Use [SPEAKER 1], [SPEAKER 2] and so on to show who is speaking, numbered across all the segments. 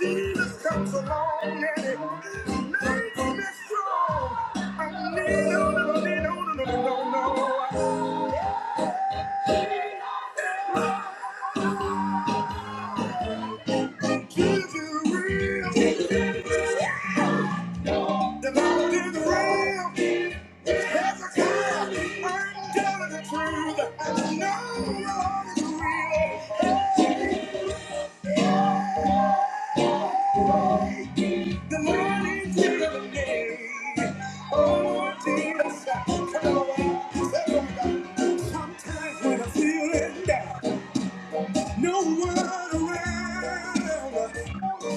[SPEAKER 1] Jesus comes along and it makes me strong. I need no, no, no, no, no, no, no. Give you real. The Lord is real. There's a God. I'm telling the truth. I know the Lord is real. The Lord is real today. Oh, Jesus. Come on. Sometimes when I'm feeling down. No one around.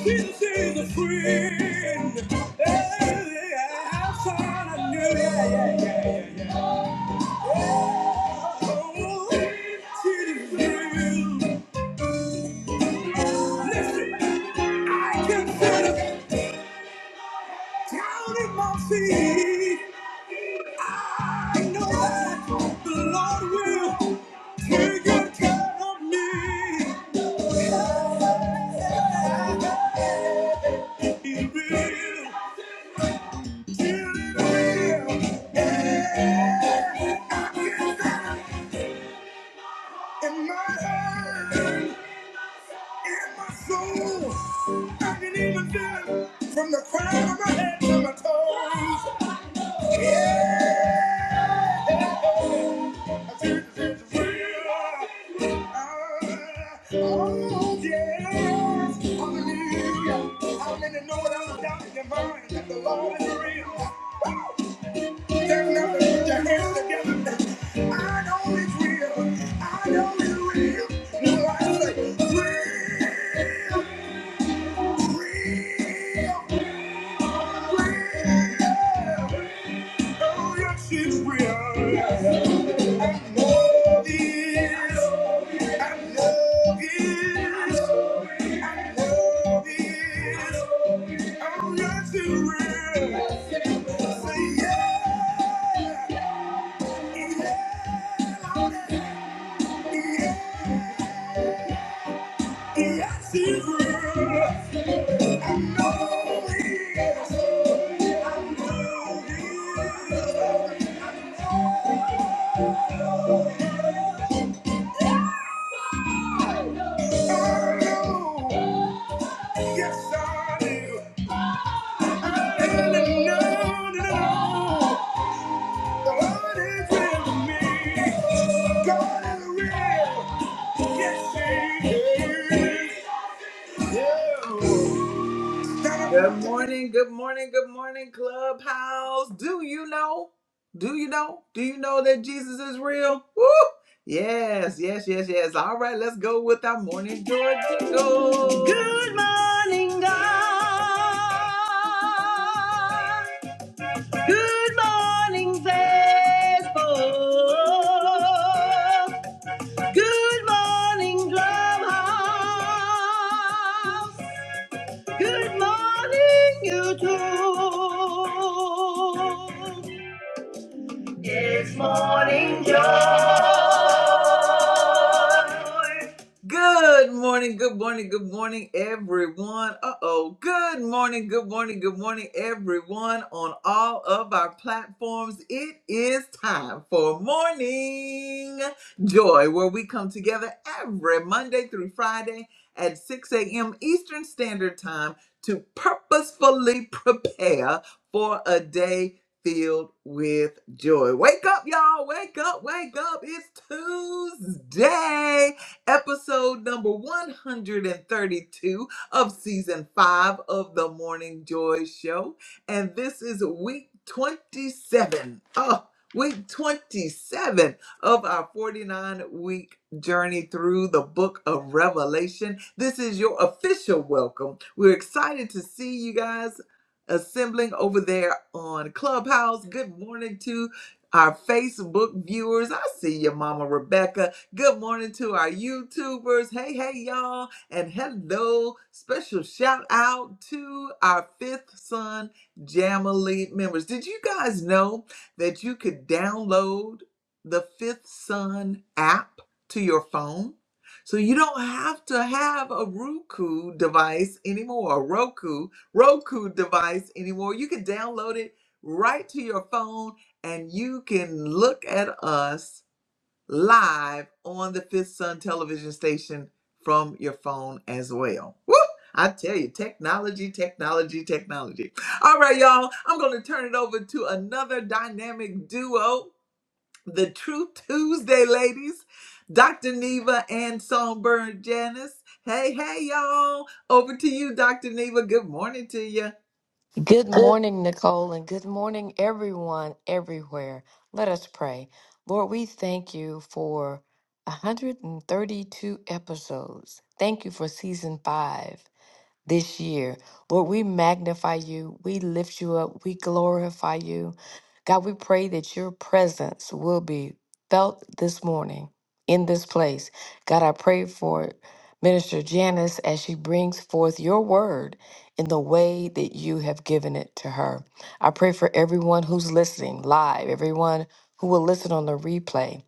[SPEAKER 1] This is a friend. Yeah, Outside, I know. Yeah, yeah, yeah, yeah, yeah. Oh, it is real. Listen, I can feel it down in my feet. I know that the Lord will take good care of me. He's real. He's real. Yeah. In my heart, in my soul, I can even feel it from the crown of my head to my toes. Yeah, I feel it, it's real. Ah, oh yes, hallelujah. How many know without a doubt in their mind that the Lord is real? Woo! I know it's real. I know it's real. Well, I say, real, real, real. Oh, yes, it's real. I know this. I know this. I know this. Oh, yes, it's real. Say, yeah, yeah. Yes, he will. I know he I know he I know. Yes, I do. And I know, and I know the Lord is me. God is real. Yes, he is. Yeah. Good morning, good morning, good morning, Clubhouse. Do you know? Do you know? Do you know that Jesus is real? Woo! Yes, yes, yes, yes. All right, let's go with our morning joy jingle. Good Good morning, good morning, good morning, everyone. Uh oh. Good morning, good morning, good morning, everyone on all of our platforms. It is time for Morning Joy, where we come together every Monday through Friday at 6 a.m. Eastern Standard Time to purposefully prepare for a day filled with joy. Wake up, y'all. Wake up, wake up. It's Tuesday episode number 132 of season five of the Morning Joy Show. And this is week 27. Oh, week 27 of our 49 week journey through the book of Revelation. This is your official welcome. We're excited to see you guys assembling over there on Clubhouse. Good morning to our Facebook viewers. I see you, Mama Rebecca. Good morning to our YouTubers. Hey, hey, y'all. And hello. Special shout out to our fifth son Jamily members. Did you guys know that you could download the Fifth Son app to your phone? So you don't have to have a Roku device anymore, a Roku, Roku device anymore. You can download it right to your phone and you can look at us live on the Fifth Sun television station from your phone as well. Woo! I tell you, technology, technology, technology. All right, y'all, I'm going to turn it over to another dynamic duo, the True Tuesday ladies, Dr. Neva and Songbird Janice. Hey, hey, y'all. Over to you, Dr. Neva. Good morning to you.
[SPEAKER 2] Good morning, Nicole, and good morning, everyone, everywhere. Let us pray. Lord, we thank you for 132 episodes. Thank you for season five this year. Lord, we magnify you, we lift you up, we glorify you. God, we pray that your presence will be felt this morning in this place. God, I pray for Minister Janice as she brings forth your word in the way that you have given it to her. I pray for everyone who's listening live, everyone who will listen on the replay,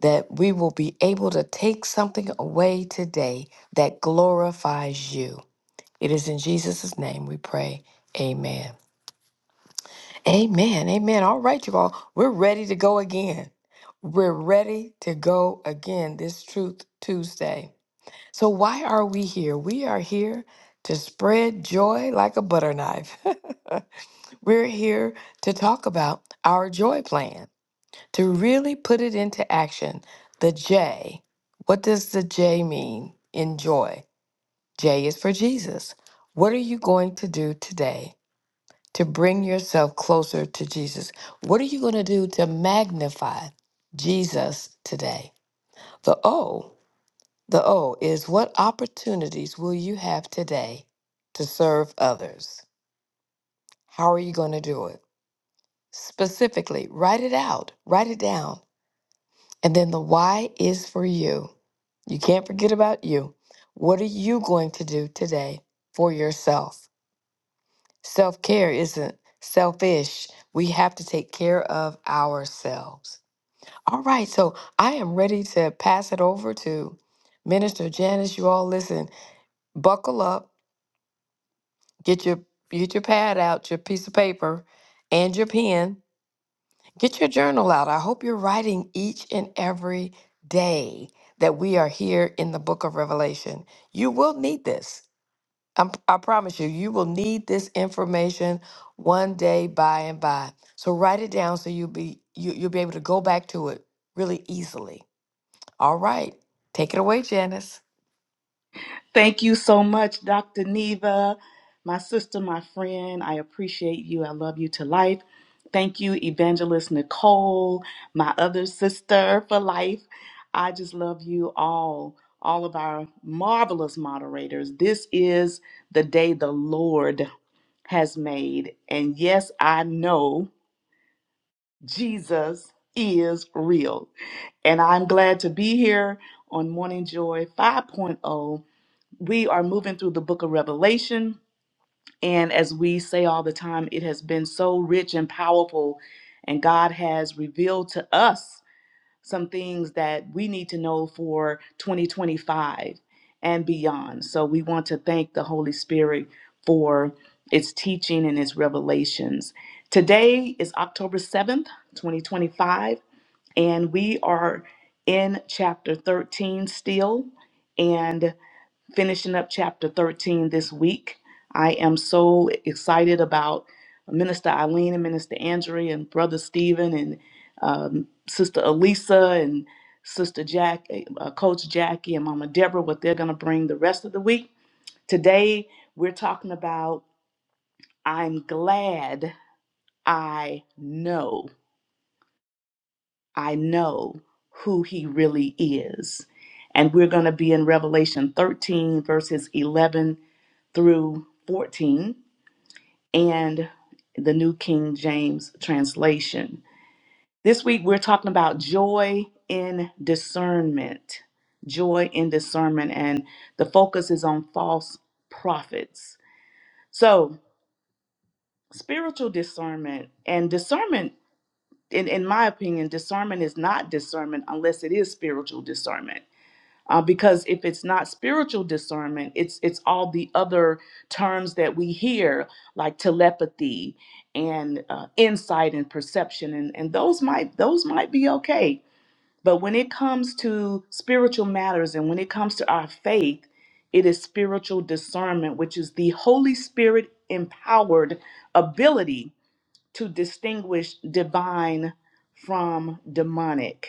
[SPEAKER 2] that we will be able to take something away today that glorifies you. It is in Jesus' name we pray. Amen. Amen. Amen. All right, you all. We're ready to go again. We're ready to go again this Truth Tuesday. So, why are we here? We are here to spread joy like a butter knife. We're here to talk about our joy plan, to really put it into action. The J. What does the J mean in joy? J is for Jesus. What are you going to do today? to bring yourself closer to Jesus. What are you going to do to magnify Jesus today? The O, the O is what opportunities will you have today to serve others? How are you going to do it? Specifically, write it out, write it down. And then the Y is for you. You can't forget about you. What are you going to do today for yourself? Self care isn't selfish. We have to take care of ourselves. All right, so I am ready to pass it over to Minister Janice. You all listen, buckle up, get your get your pad out, your piece of paper, and your pen. Get your journal out. I hope you're writing each and every day that we are here in the book of Revelation. You will need this. I'm, I promise you, you will need this information one day by and by. So write it down so you'll be you, you'll be able to go back to it really easily. All right, take it away, Janice.
[SPEAKER 3] Thank you so much, Dr. Neva, my sister, my friend. I appreciate you. I love you to life. Thank you, Evangelist Nicole, my other sister for life. I just love you all, all of our marvelous moderators. This is the day the Lord has made. And yes, I know Jesus is real. And I'm glad to be here on Morning Joy 5.0 Point oh we are moving through the book of Revelation. And as we say all the time, it has been so rich and powerful. And God has revealed to us some things that we need to know for 2025 and beyond. So we want to thank the Holy Spirit for its teaching and its revelations. Today is October 7th, 2025, and we are in chapter 13 still. And finishing up chapter 13 this week. I am so excited about Minister Eileen and Minister Andrea and Brother Stephen and um, Sister Elisa and Sister Jack, uh, Coach Jackie and Mama Deborah, what they're going to bring the rest of the week. Today, we're talking about I'm glad I know, I know who he really is. And we're going to be in Revelation 13, verses 11 through 14 and the New King James Translation. This week we're talking about joy in discernment. Joy in discernment, and the focus is on false prophets. So, spiritual discernment and discernment, in, in my opinion, discernment is not discernment unless it is spiritual discernment uh, because if it's not spiritual discernment it's it's all the other terms that we hear like telepathy and uh, insight and perception and, and those might those might be okay but when it comes to spiritual matters and when it comes to our faith it is spiritual discernment which is the holy spirit empowered ability to distinguish divine from demonic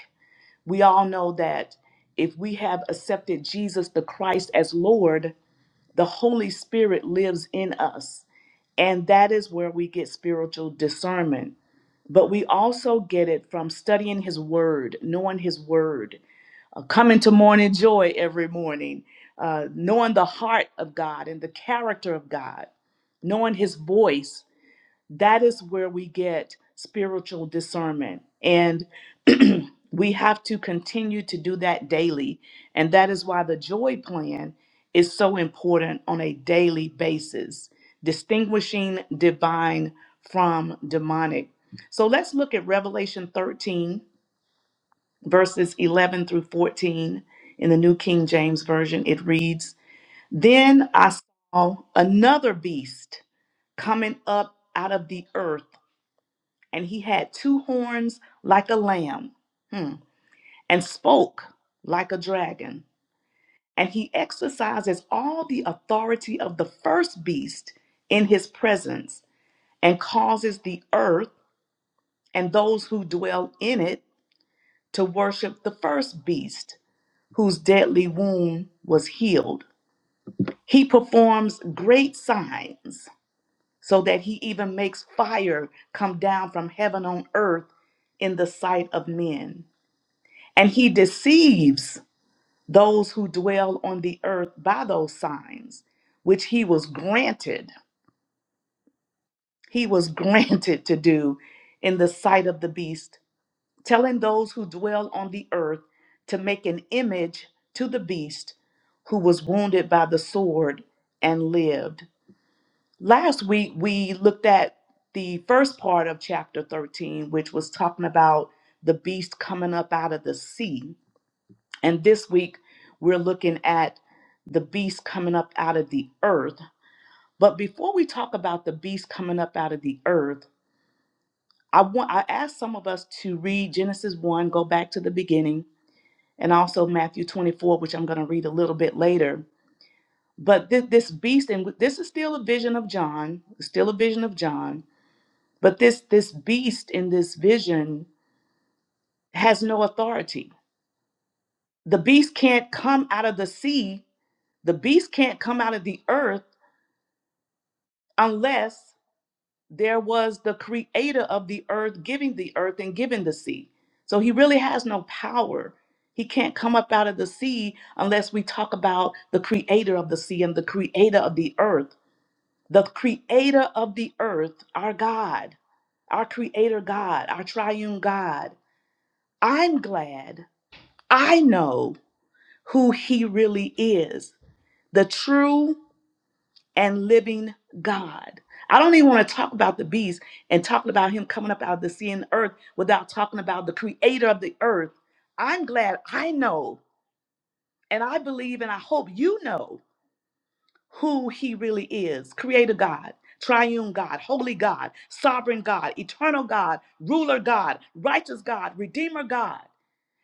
[SPEAKER 3] we all know that if we have accepted Jesus the Christ as Lord, the Holy Spirit lives in us. And that is where we get spiritual discernment. But we also get it from studying His Word, knowing His Word, uh, coming to morning joy every morning, uh, knowing the heart of God and the character of God, knowing His voice, that is where we get spiritual discernment and we have to continue to do that daily and that is why the joy plan is so important on a daily basis distinguishing divine from demonic so let's look at revelation 13 verses 11 through 14 in the new king james version it reads then i saw another beast coming up out of the earth and he had two horns like a lamb, hmm, and spoke like a dragon. And he exercises all the authority of the first beast in his presence, and causes the earth and those who dwell in it to worship the first beast, whose deadly wound was healed. He performs great signs, so that he even makes fire come down from heaven on earth in the sight of men and he deceives those who dwell on the earth by those signs which he was granted he was granted to do in the sight of the beast telling those who dwell on the earth to make an image to the beast who was wounded by the sword and lived last week we looked at the first part of chapter 13 which was talking about the beast coming up out of the sea And this week, we're looking at the beast coming up out of the earth. But before we talk about the beast coming up out of the earth, I want I asked some of us to read Genesis 1, go back to the beginning, and also Matthew 24, which I'm going to read a little bit later. But this, this beast, and this is still a vision of John, still a vision of John, but this this beast in this vision has no authority. The beast can't come out of the sea. The beast can't come out of the earth unless there was the creator of the earth giving the earth and giving the sea. So he really has no power. He can't come up out of the sea unless we talk about the creator of the sea and the creator of the earth. The creator of the earth, our God, our creator God, our triune God. I'm glad I know who he really is the true and living God. I don't even want to talk about the beast and talking about him coming up out of the sea and earth without talking about the creator of the earth. I'm glad I know and I believe and I hope you know who he really is creator God, triune God, holy God, sovereign God, eternal God, ruler God, righteous God, redeemer God.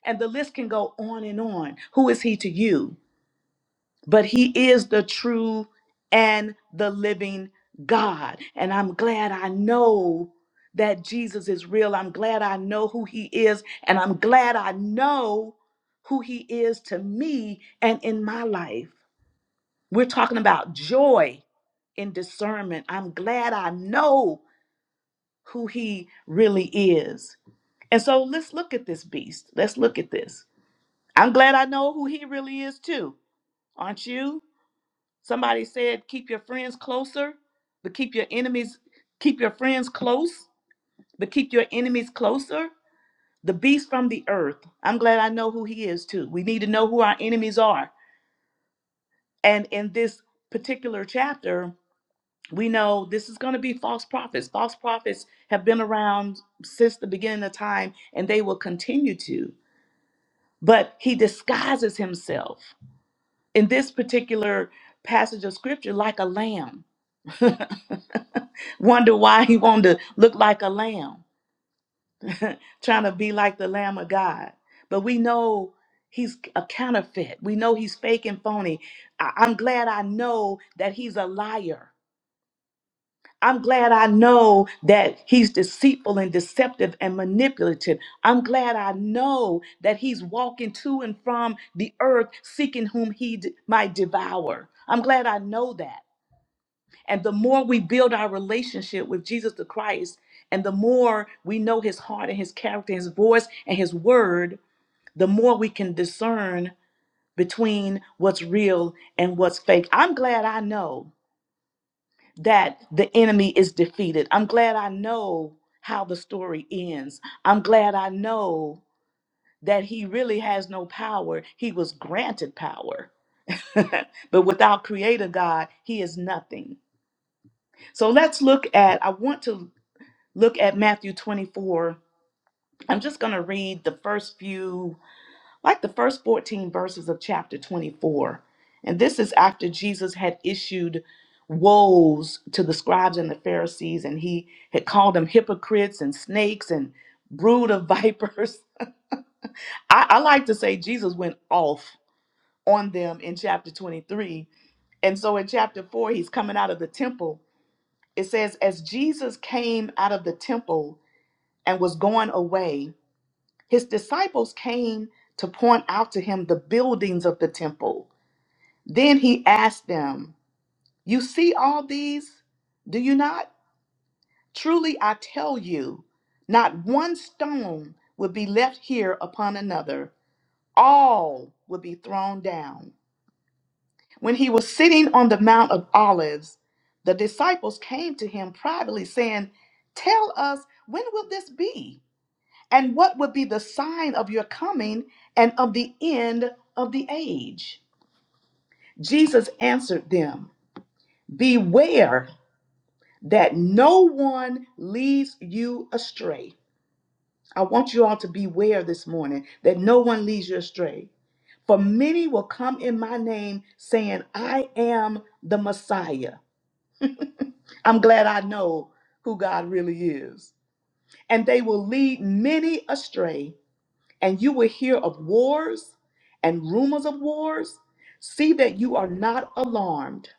[SPEAKER 3] And the list can go on and on. Who is he to you? but he is the true and the living God. And I'm glad I know that Jesus is real. I'm glad I know who he is. And I'm glad I know who he is to me and in my life. We're talking about joy in discernment. I'm glad I know who he really is. And so let's look at this beast. Let's look at this. I'm glad I know who he really is too. Aren't you? Somebody said, keep your friends closer, but keep your enemies, keep your friends close, but keep your enemies closer. The beast from the earth. I'm glad I know who he is too. We need to know who our enemies are. And in this particular chapter, we know this is going to be false prophets. False prophets have been around since the beginning of time and they will continue to. But he disguises himself in this particular passage of scripture like a lamb. Wonder why he wanted to look like a lamb, trying to be like the Lamb of God. But we know he's a counterfeit. We know he's fake and phony. I- I'm glad I know that he's a liar. I'm glad I know that he's deceitful and deceptive and manipulative. I'm glad I know that he's walking to and from the earth seeking whom he d- might devour. I'm glad I know that. And the more we build our relationship with Jesus the Christ, and the more we know his heart and his character, his voice and his word, the more we can discern between what's real and what's fake. I'm glad I know that the enemy is defeated. I'm glad I know how the story ends. I'm glad I know that he really has no power. He was granted power. but without creator God, he is nothing. So let's look at I want to look at Matthew 24. I'm just going to read the first few, like the first 14 verses of chapter 24. And this is after Jesus had issued woes to the scribes and the Pharisees, and he had called them hypocrites and snakes and brood of vipers. I, I like to say Jesus went off on them in chapter 23. And so in chapter 4, he's coming out of the temple. It says, As Jesus came out of the temple and was going away, His disciples came to point out to him the buildings of the temple. Then he asked them, You see all these? Do you not? Truly I tell you, not one stone will be left here upon another. All will be thrown down. When he was sitting on the Mount of Olives, the disciples came to him privately, saying, Tell us, when will this be? And what would be the sign of your coming and of the end of the age? Jesus answered them, Beware that no one leads you astray. I want you all to beware this morning that no one leads you astray. For many will come in my name saying, I am the Messiah. I'm glad I know who God really is. And they will lead many astray. and you will hear of wars and rumors of wars, see that you are not alarmed.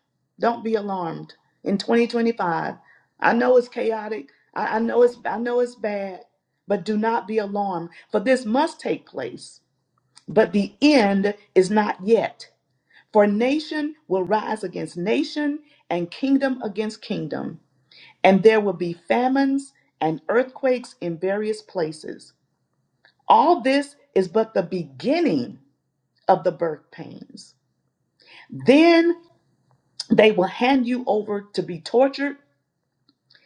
[SPEAKER 3] Don't be alarmed. In 2025, I know it's chaotic. I, I know it's I know it's bad, but do not be alarmed. For this must take place, but the end is not yet. For nation will rise against nation, and kingdom against kingdom, and there will be famines and earthquakes in various places. All this is but the beginning of the birth pains. Then they will hand you over to be tortured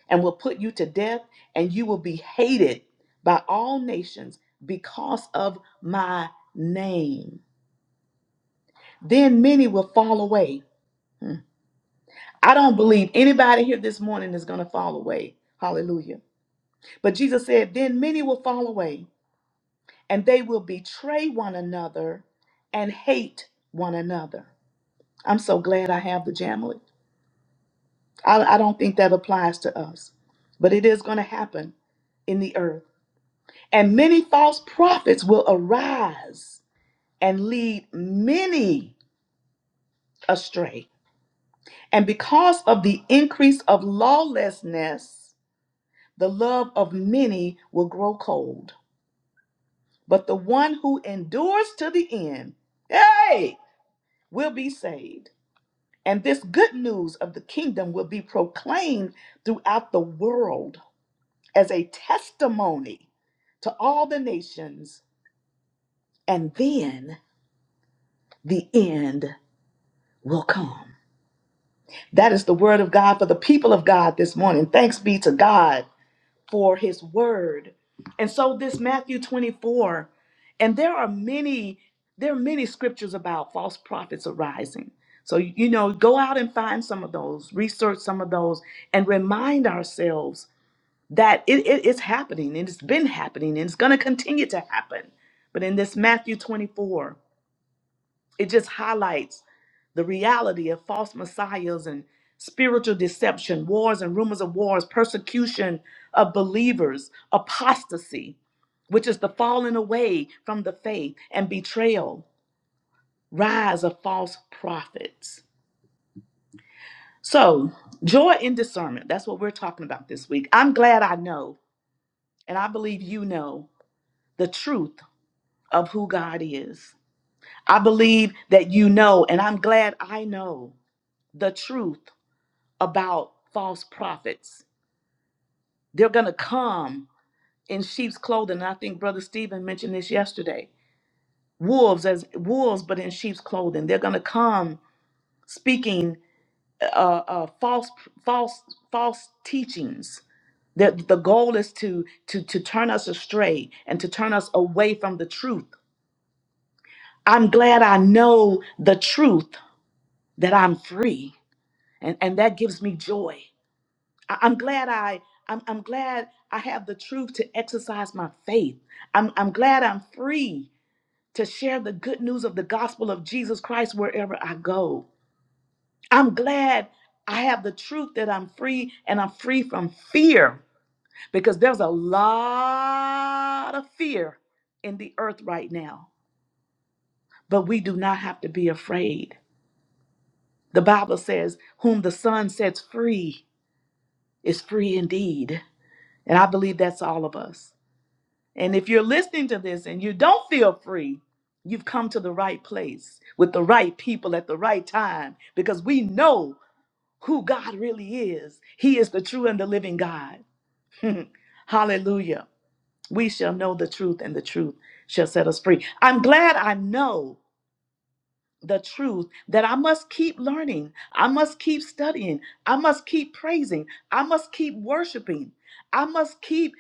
[SPEAKER 3] and will put you to death, and you will be hated by all nations because of my name. Then many will fall away. Hmm. I don't believe anybody here this morning is going to fall away. Hallelujah. But Jesus said, Then many will fall away, and they will betray one another and hate one another. I'm so glad I have the Jamily. I, I don't think that applies to us, but it is going to happen in the earth. And many false prophets will arise and lead many astray. And because of the increase of lawlessness, the love of many will grow cold. But the one who endures to the end, hey, will be saved. And this good news of the kingdom will be proclaimed throughout the world as a testimony to all the nations, and then the end will come. That is the word of God for the people of God this morning. Thanks be to God for his word. And so this Matthew 24, and there are many, there are many scriptures about false prophets arising. So, you know, go out and find some of those, research some of those, and remind ourselves that it, it- it's happening and it's been happening and it's going to continue to happen. But in this Matthew 24, it just highlights the reality of false messiahs and spiritual deception, wars and rumors of wars, persecution of believers, apostasy, which is the falling away from the faith, and betrayal, rise of false prophets. So, joy in discernment, that's what we're talking about this week. I'm glad I know, and I believe you know the truth of who God is. I believe that you know, and I'm glad I know the truth about false prophets. They're going to come in sheep's clothing. And I think Brother Stephen mentioned this yesterday. Wolves as wolves, but in sheep's clothing. They're going to come speaking uh, uh, false, false, false teachings. The, the goal is to, to to turn us astray and to turn us away from the truth. I'm glad I know the truth that I'm free and, and that gives me joy. I, am glad I I'm, I'm glad I have the truth to exercise my faith. I'm, I'm glad I'm free to share the good news of the gospel of Jesus Christ wherever I go. I'm glad I have the truth that I'm free and I'm free from fear because there's a lot of fear in the earth right now. But we do not have to be afraid. The Bible says, Whom the Son sets free is free indeed. And I believe that's all of us. And if you're listening to this and you don't feel free, you've come to the right place with the right people at the right time because we know who God really is. He is the true and the living God. Hallelujah. We shall know the truth, and the truth shall set us free. I'm glad I know the truth that I must keep learning. I must keep studying. I must keep praising. I must keep worshiping. I must keep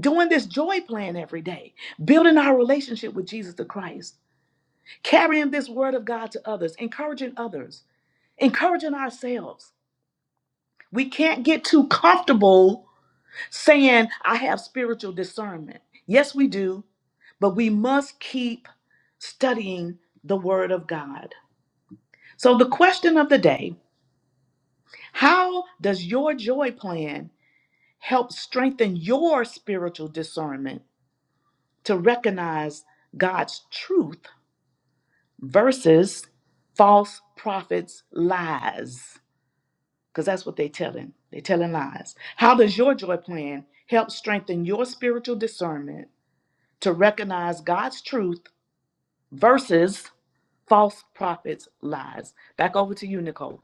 [SPEAKER 3] doing this joy plan every day, building our relationship with Jesus the Christ, carrying this word of God to others, encouraging others, encouraging ourselves. We can't get too comfortable saying, I have spiritual discernment. Yes, we do, but we must keep studying the word of God. So, the question of the day how does your joy plan help strengthen your spiritual discernment to recognize God's truth? versus false prophets lies because that's what they're telling they're telling lies how does your joy plan help strengthen your spiritual discernment to recognize god's truth versus false prophets lies back over to you nicole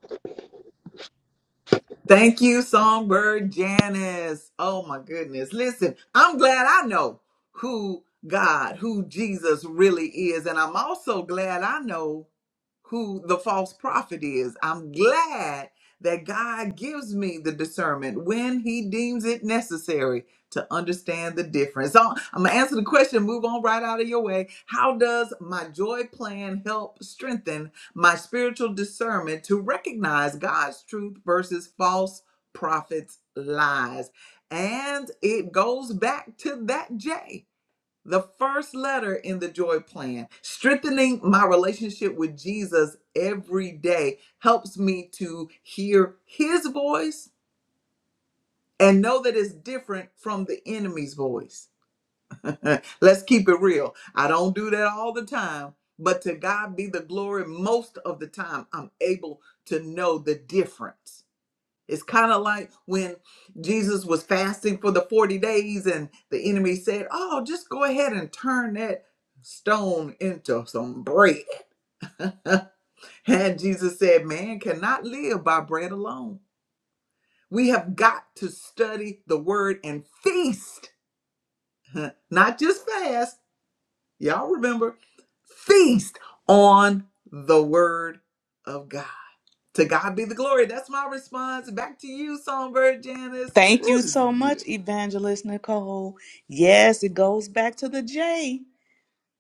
[SPEAKER 1] Thank you, Songbird Janice. Oh my goodness. Listen, I'm glad I know who God, who Jesus really is. And I'm also glad I know who the false prophet is. I'm glad that God gives me the discernment when He deems it necessary to understand the difference. So I'm gonna answer the question, move on right out of your way. How does my joy plan help strengthen my spiritual discernment to recognize God's truth versus false prophets' lies? And it goes back to that J the first letter in the joy plan, strengthening my relationship with Jesus every day helps me to hear his voice and know that it's different from the enemy's voice. Let's keep it real. I don't do that all the time, but to God be the glory most of the time, I'm able to know the difference. It's kind of like when Jesus was fasting for the 40 days and the enemy said, Oh, just go ahead and turn that stone into some bread. and Jesus said, Man cannot live by bread alone. We have got to study the word and feast, not just fast. Y'all remember, feast on the word of God. To God be the glory. That's my response. Back to you, Songbird Janice.
[SPEAKER 3] Thank
[SPEAKER 1] Ooh,
[SPEAKER 3] you
[SPEAKER 1] this is
[SPEAKER 3] so
[SPEAKER 1] good.
[SPEAKER 3] much, Evangelist Nicole. Yes, it goes back to the J.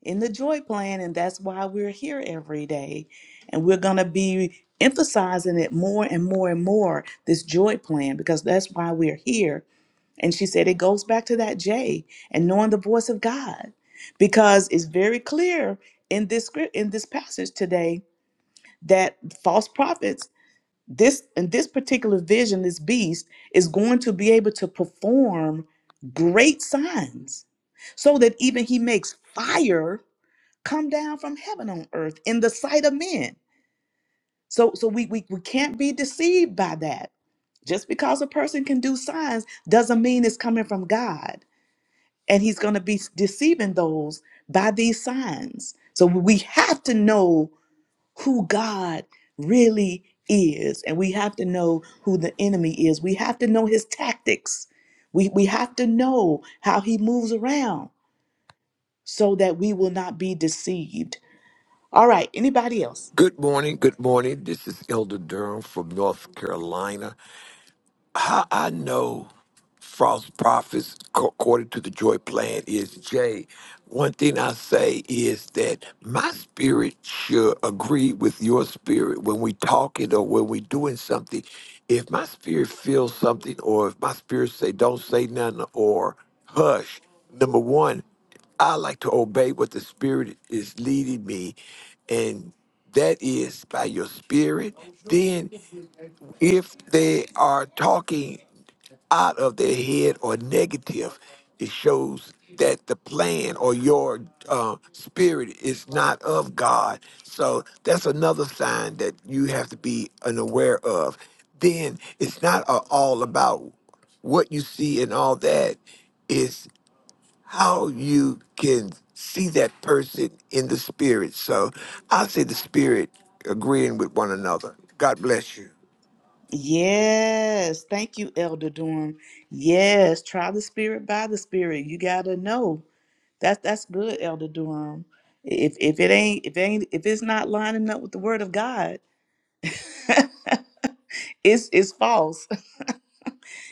[SPEAKER 3] in the joy plan and that's why we're here every day and we're going to be emphasizing it more and more and more this joy plan because that's why we're here and she said it goes back to that j and knowing the voice of god because it's very clear in this script in this passage today that false prophets this in this particular vision this beast is going to be able to perform great signs so that even he makes fire come down from heaven on earth in the sight of men. So so we we, we can't be deceived by that. Just because a person can do signs doesn't mean it's coming from God. And he's going to be deceiving those by these signs. So we have to know who God really is and we have to know who the enemy is. We have to know his tactics. We we have to know how he moves around so that we will not be deceived. All right, anybody else?
[SPEAKER 4] Good morning. Good morning. This is Elder Durham from North Carolina how I know false prophets co- according to the joy plan is Jay. One thing I say is that my spirit should agree with your spirit when we talking or when we doing something. If my spirit feels something, or if my spirit say don't say nothing or hush, number one, I like to obey what the spirit is leading me, and that is by your spirit. Then, if they are talking out of their head or negative, it shows that the plan or your uh, spirit is not of God. So that's another sign that you have to be unaware of. Then it's not a- all about what you see and all that. It's how you can see that person in the spirit. So I say the spirit agreeing with one another. God bless you.
[SPEAKER 3] Yes, thank you, Elder Durham. Yes, try the spirit by the spirit. You gotta know. That's that's good, Elder Durham. If if it ain't if it ain't if it's not lining up with the word of God, it's it's false.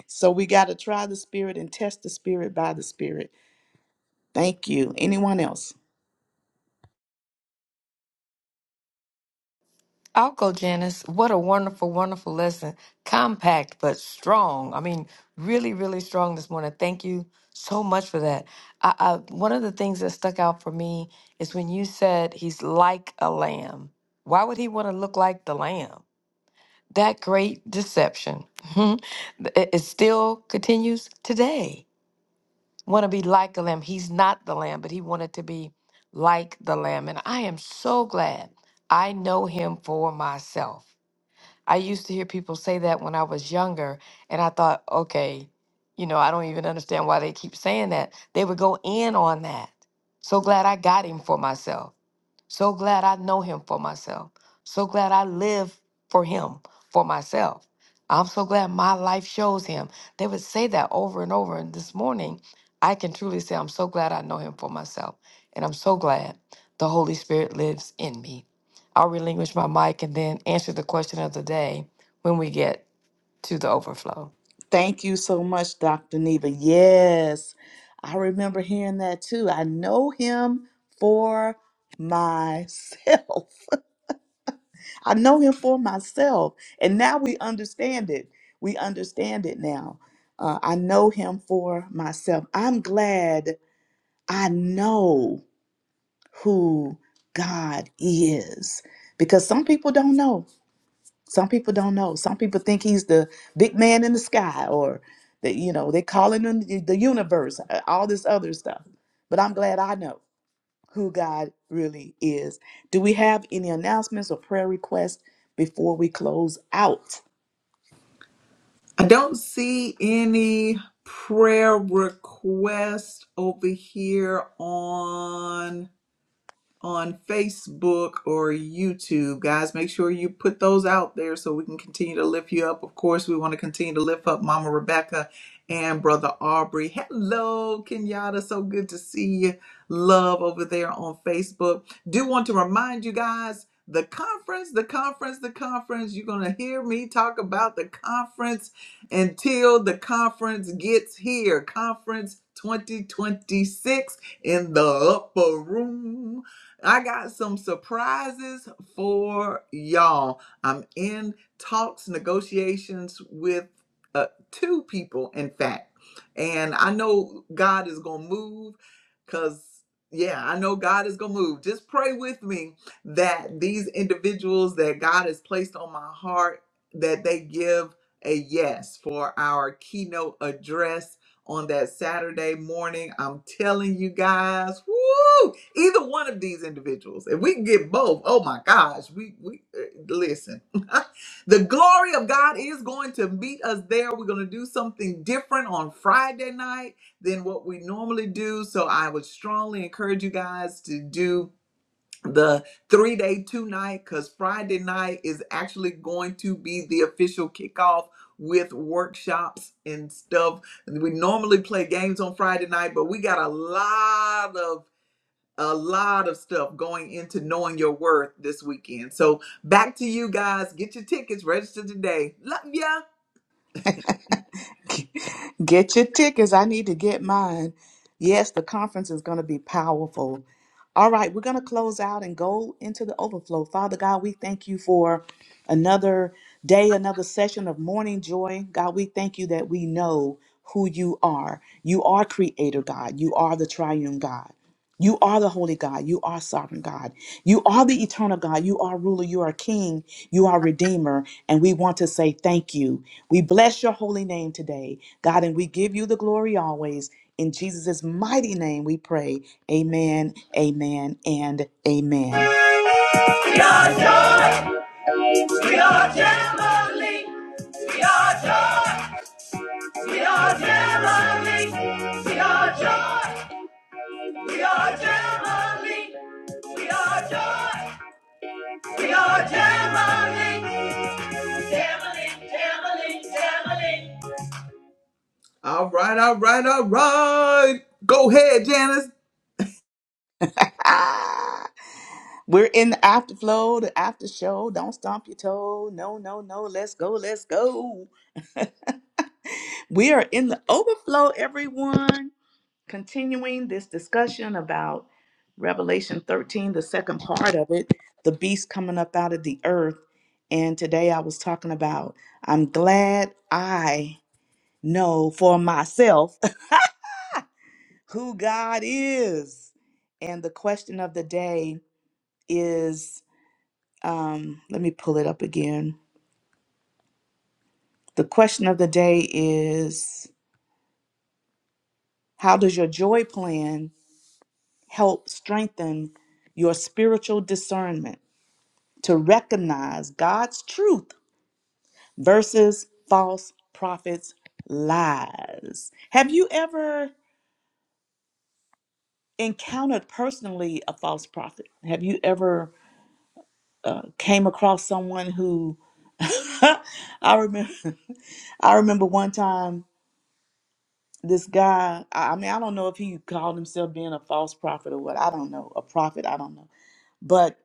[SPEAKER 3] So we gotta try the spirit and test the spirit by the spirit. Thank you. Anyone else?
[SPEAKER 2] I'll go, Janice. What a wonderful, wonderful lesson. Compact but strong. I mean, really, really strong this morning. Thank you so much for that. I, I, one of the things that stuck out for me is when you said he's like a lamb. Why would he want to look like the lamb? that great deception it it still continues today want to be like the lamb he's not the lamb but he wanted to be like the lamb and i am so glad i know him for myself i used to hear people say that when i was younger and i thought okay you know i don't even understand why they keep saying that they would go in on that so glad i got him for myself so glad I know him for myself. So glad I live for him for myself. I'm so glad my life shows him. They would say that over and over. And this morning, I can truly say, I'm so glad I know him for myself. And I'm so glad the Holy Spirit lives in me. I'll relinquish my mic and then answer the question of the day when we get to the overflow.
[SPEAKER 3] Thank you so much, Dr. Neva. Yes, I remember hearing that too. I know him for myself. I know him for myself. And now we understand it. We understand it now. Uh, I know him for myself. I'm glad I know who God is because some people don't know. Some people don't know. Some people think he's the big man in the sky or that, you know, they calling him the the universe, uh, all this other stuff. But I'm glad I know who God really is. Do we have any announcements or prayer requests before we close out?
[SPEAKER 1] I don't see any prayer requests over here on on Facebook or YouTube. Guys, make sure you put those out there so we can continue to lift you up. Of course, we want to continue to lift up Mama Rebecca and Brother Aubrey. Hello, Kenyatta. So good to see you. Love over there on Facebook. Do want to remind you guys the conference, the conference, the conference. You're going to hear me talk about the conference until the conference gets here. Conference 2026 in the upper room. I got some surprises for y'all. I'm in talks, negotiations with uh, two people, in fact. And I know God is going to move because, yeah, I know God is going to move. Just pray with me that these individuals that God has placed on my heart, that they give a yes for our keynote address on that Saturday morning. I'm telling you guys, woo! Either one of these individuals, if we can get both, oh my gosh, we we uh, listen. the glory of God is going to meet us there. We're going to do something different on Friday night than what we normally do. So I would strongly encourage you guys to do the three day two night because friday night is actually going to be the official kickoff with workshops and stuff we normally play games on friday night but we got a lot of a lot of stuff going into knowing your worth this weekend so back to you guys get your tickets register today love ya
[SPEAKER 3] Get your tickets. I need to get mine. Yes, the conference is going to be powerful. All right, we're going to close out and go into the overflow. Father God, we thank you for another day, another session of morning joy. God, we thank you that we know who you are. You are creator God, you are the triune God. You are the holy God. You are sovereign God. You are the eternal God. You are ruler. You are king. You are redeemer. And we want to say thank you. We bless your holy name today, God, and we give you the glory always. In Jesus' mighty name we pray. Amen, amen, and amen.
[SPEAKER 1] we are joy we are family we are joy we are family we are joy We are Jamali. We are joy. We are Jamali. Jamali, Jamali, Jamali. All right, all right, all right. Go ahead, Janice.
[SPEAKER 3] We're in the afterflow, the after show. Don't stomp your toe. No, no, no. Let's go, let's go. We are in the overflow, everyone. continuing this discussion about Revelation 13, the second part of it, the beast coming up out of the earth. And today I was talking about, I'm glad I know for myself who God is. And the question of the day is um, let me pull it up again. The question of the day is How does your joy plan help strengthen your spiritual discernment? to recognize God's truth versus false prophets' lies. Have you ever encountered personally a false prophet? Have you ever uh, came across someone who I remember I remember one time this guy I I mean I don't know if he called himself being a false prophet or what I don't know a prophet I don't know but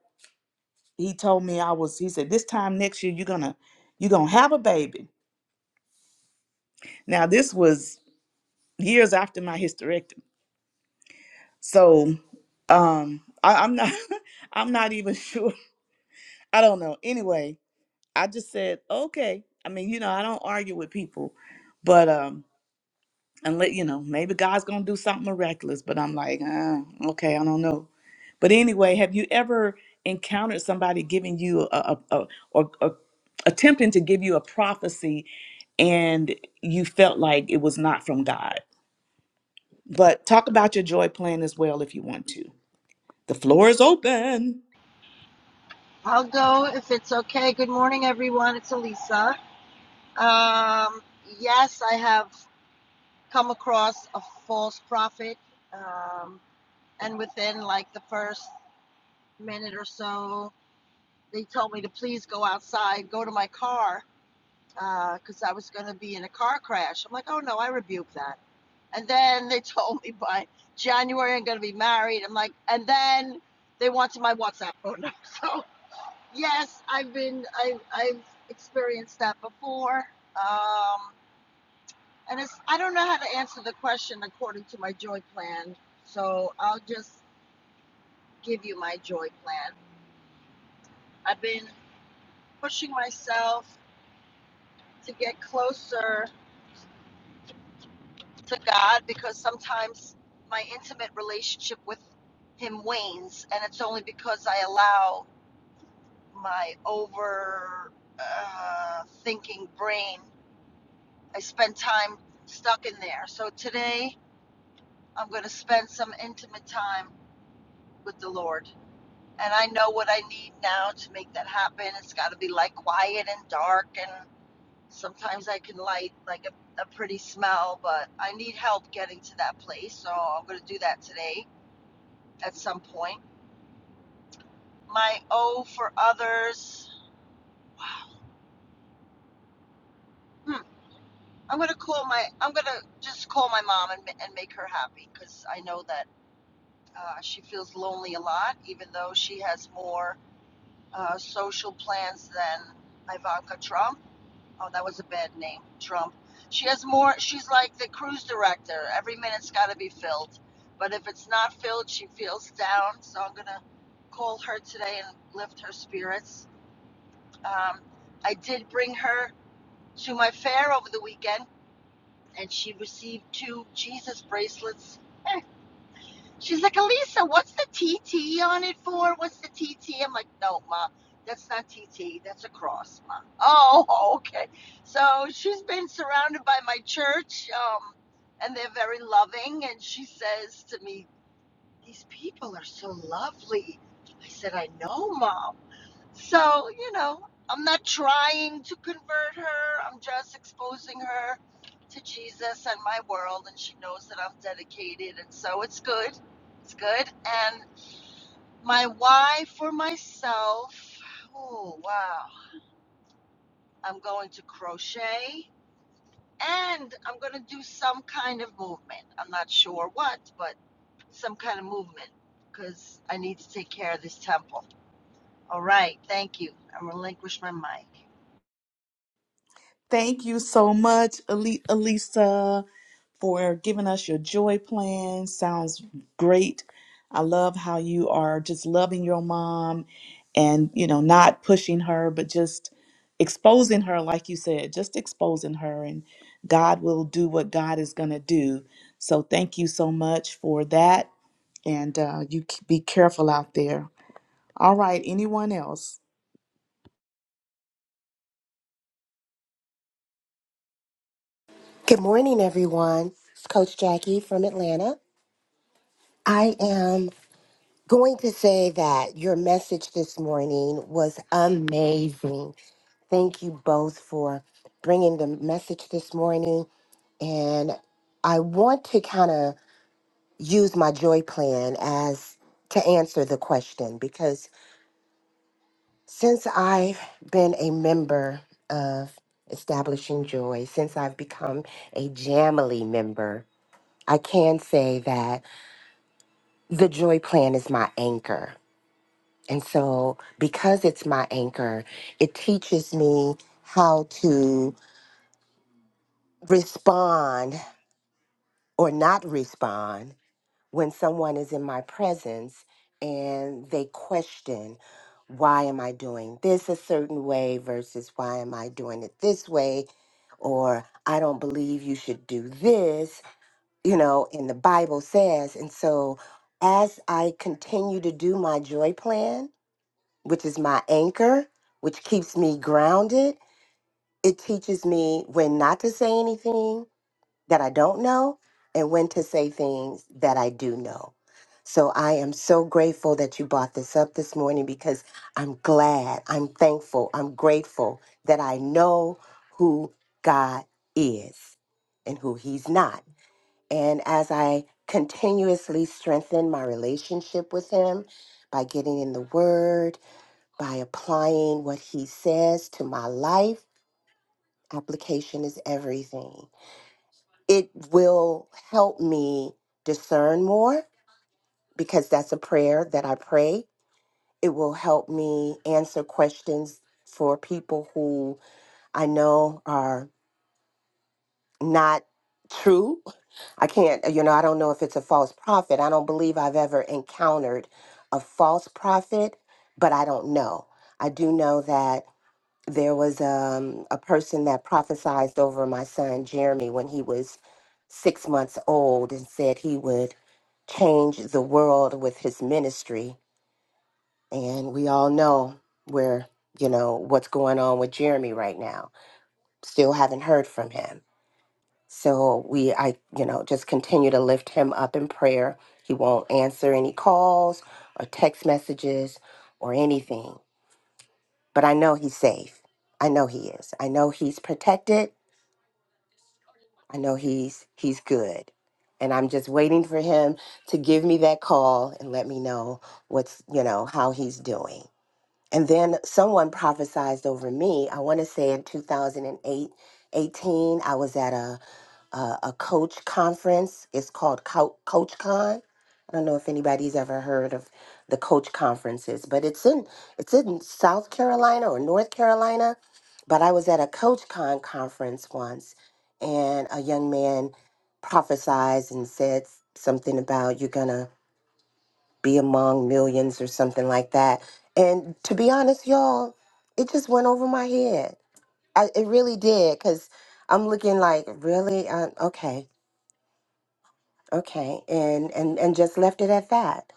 [SPEAKER 3] he told me I was he said this time next year you're gonna you're gonna have a baby now this was years after my hysterectomy. So um I, I'm not I'm not even sure. I don't know. Anyway, I just said, okay. I mean, you know, I don't argue with people, but um unless you know, maybe God's gonna do something miraculous, but I'm like, uh, okay, I don't know. But anyway, have you ever encountered somebody giving you a, a, a or, or attempting to give you a prophecy and you felt like it was not from God? But talk about your joy plan as well if you want to. The floor is open.
[SPEAKER 5] I'll go if it's okay. Good morning, everyone. It's Elisa. Um, yes, I have come across a false prophet, um, and within like the first minute or so, they told me to please go outside, go to my car, because uh, I was going to be in a car crash. I'm like, oh no, I rebuke that. And then they told me by January I'm going to be married. I'm like, and then they wanted my WhatsApp phone number. So Yes, I've been I've I've experienced that before. Um and it's I don't know how to answer the question according to my joy plan. So I'll just give you my joy plan. I've been pushing myself to get closer to God because sometimes my intimate relationship with him wanes and it's only because I allow my over uh, thinking brain. I spend time stuck in there. So today I'm going to spend some intimate time with the Lord. And I know what I need now to make that happen. It's got to be like quiet and dark. And sometimes I can light like a, a pretty smell, but I need help getting to that place. So I'm going to do that today at some point. My O for others. Hmm. I'm going to call my, I'm going to just call my mom and, and make her happy because I know that uh, she feels lonely a lot, even though she has more uh, social plans than Ivanka Trump. Oh, that was a bad name, Trump. She has more. She's like the cruise director. Every minute's got to be filled. But if it's not filled, she feels down. So I'm gonna call her today and lift her spirits. Um, I did bring her to my fair over the weekend, and she received two Jesus bracelets. She's like, Alisa. what's the TT on it for? What's the TT? I'm like, no, Ma, that's not TT. That's a cross, Ma. Oh, okay. So she's been surrounded by my church, um, and they're very loving. And she says to me, These people are so lovely. I said, I know, Mom. So, you know, I'm not trying to convert her. I'm just exposing her to Jesus and my world, and she knows that I'm dedicated. And so it's good. It's good. And my why for myself oh, wow. I'm going to crochet and I'm going to do some kind of movement. I'm not sure what, but some kind of movement because I need to take care of this temple. All right. Thank you. I relinquish my mic.
[SPEAKER 3] Thank you so much, Ali- Alisa, for giving us your joy plan. Sounds great. I love how you are just loving your mom and, you know, not pushing her, but just exposing her, like you said, just exposing her. And God will do what God is going to do. So thank you so much for that. And uh, you c- be careful out there. All right, anyone else?
[SPEAKER 6] Good morning, everyone. It's Coach Jackie from Atlanta. I am going to say that your message this morning was amazing. Thank you both for bringing the message this morning. And I want to kind of use my joy plan as to answer the question because since I've been a member of Establishing Joy, since I've become a Jamily member, I can say that. the joy plan is my anchor. And so, because it's my anchor, it teaches me how to respond or not respond when someone is in my presence and they question, why am I doing this a certain way versus why am I doing it this way? Or I don't believe you should do this, you know, and the Bible says. And so, as I continue to do my joy plan, which is my anchor, which keeps me grounded. It teaches me when not to say anything that I don't know and when to say things that I do know. So I am so grateful that you brought this up this morning because I'm glad, I'm thankful, I'm grateful that I know who God is and who He's not. And as I continuously strengthen my relationship with Him by getting in the Word, by applying what he says to my life. Application is everything. It will help me discern more because that's a prayer that I pray. It will help me answer questions for people who I know are not true. I can't, you know, I don't know if it's a false prophet. I don't believe I've ever encountered a false prophet, but I don't know. I do know that. there was um, a person that prophesied over my son Jeremy when he was six months old and said he would change the world with his ministry. And we all know where, you know, what's going on with Jeremy right now. Still haven't heard from him. So we, I, you know, just continue to lift him up in prayer. He won't answer any calls or text messages or anything, but I know he's safe. I know he is. I know he's protected I know he's he's good. And I'm just waiting for him to give me that call and let me know what's, you know, how he's doing. And then someone prophesized over me. I want to say in 2008, 18, I was at a uh, a coach conference. It's called Co- Coach Con. I don't know if anybody's ever heard of the coach conferences, but it's in it's in South Carolina or North Carolina. But I was at a Coach Con conference once, and a young man prophesied and said something about you're gonna be among millions or something like that. And to be honest, y'all, it just went over my head. I, it really did, cause I'm looking like, really? Uh, okay. Okay, and and and just left it at that.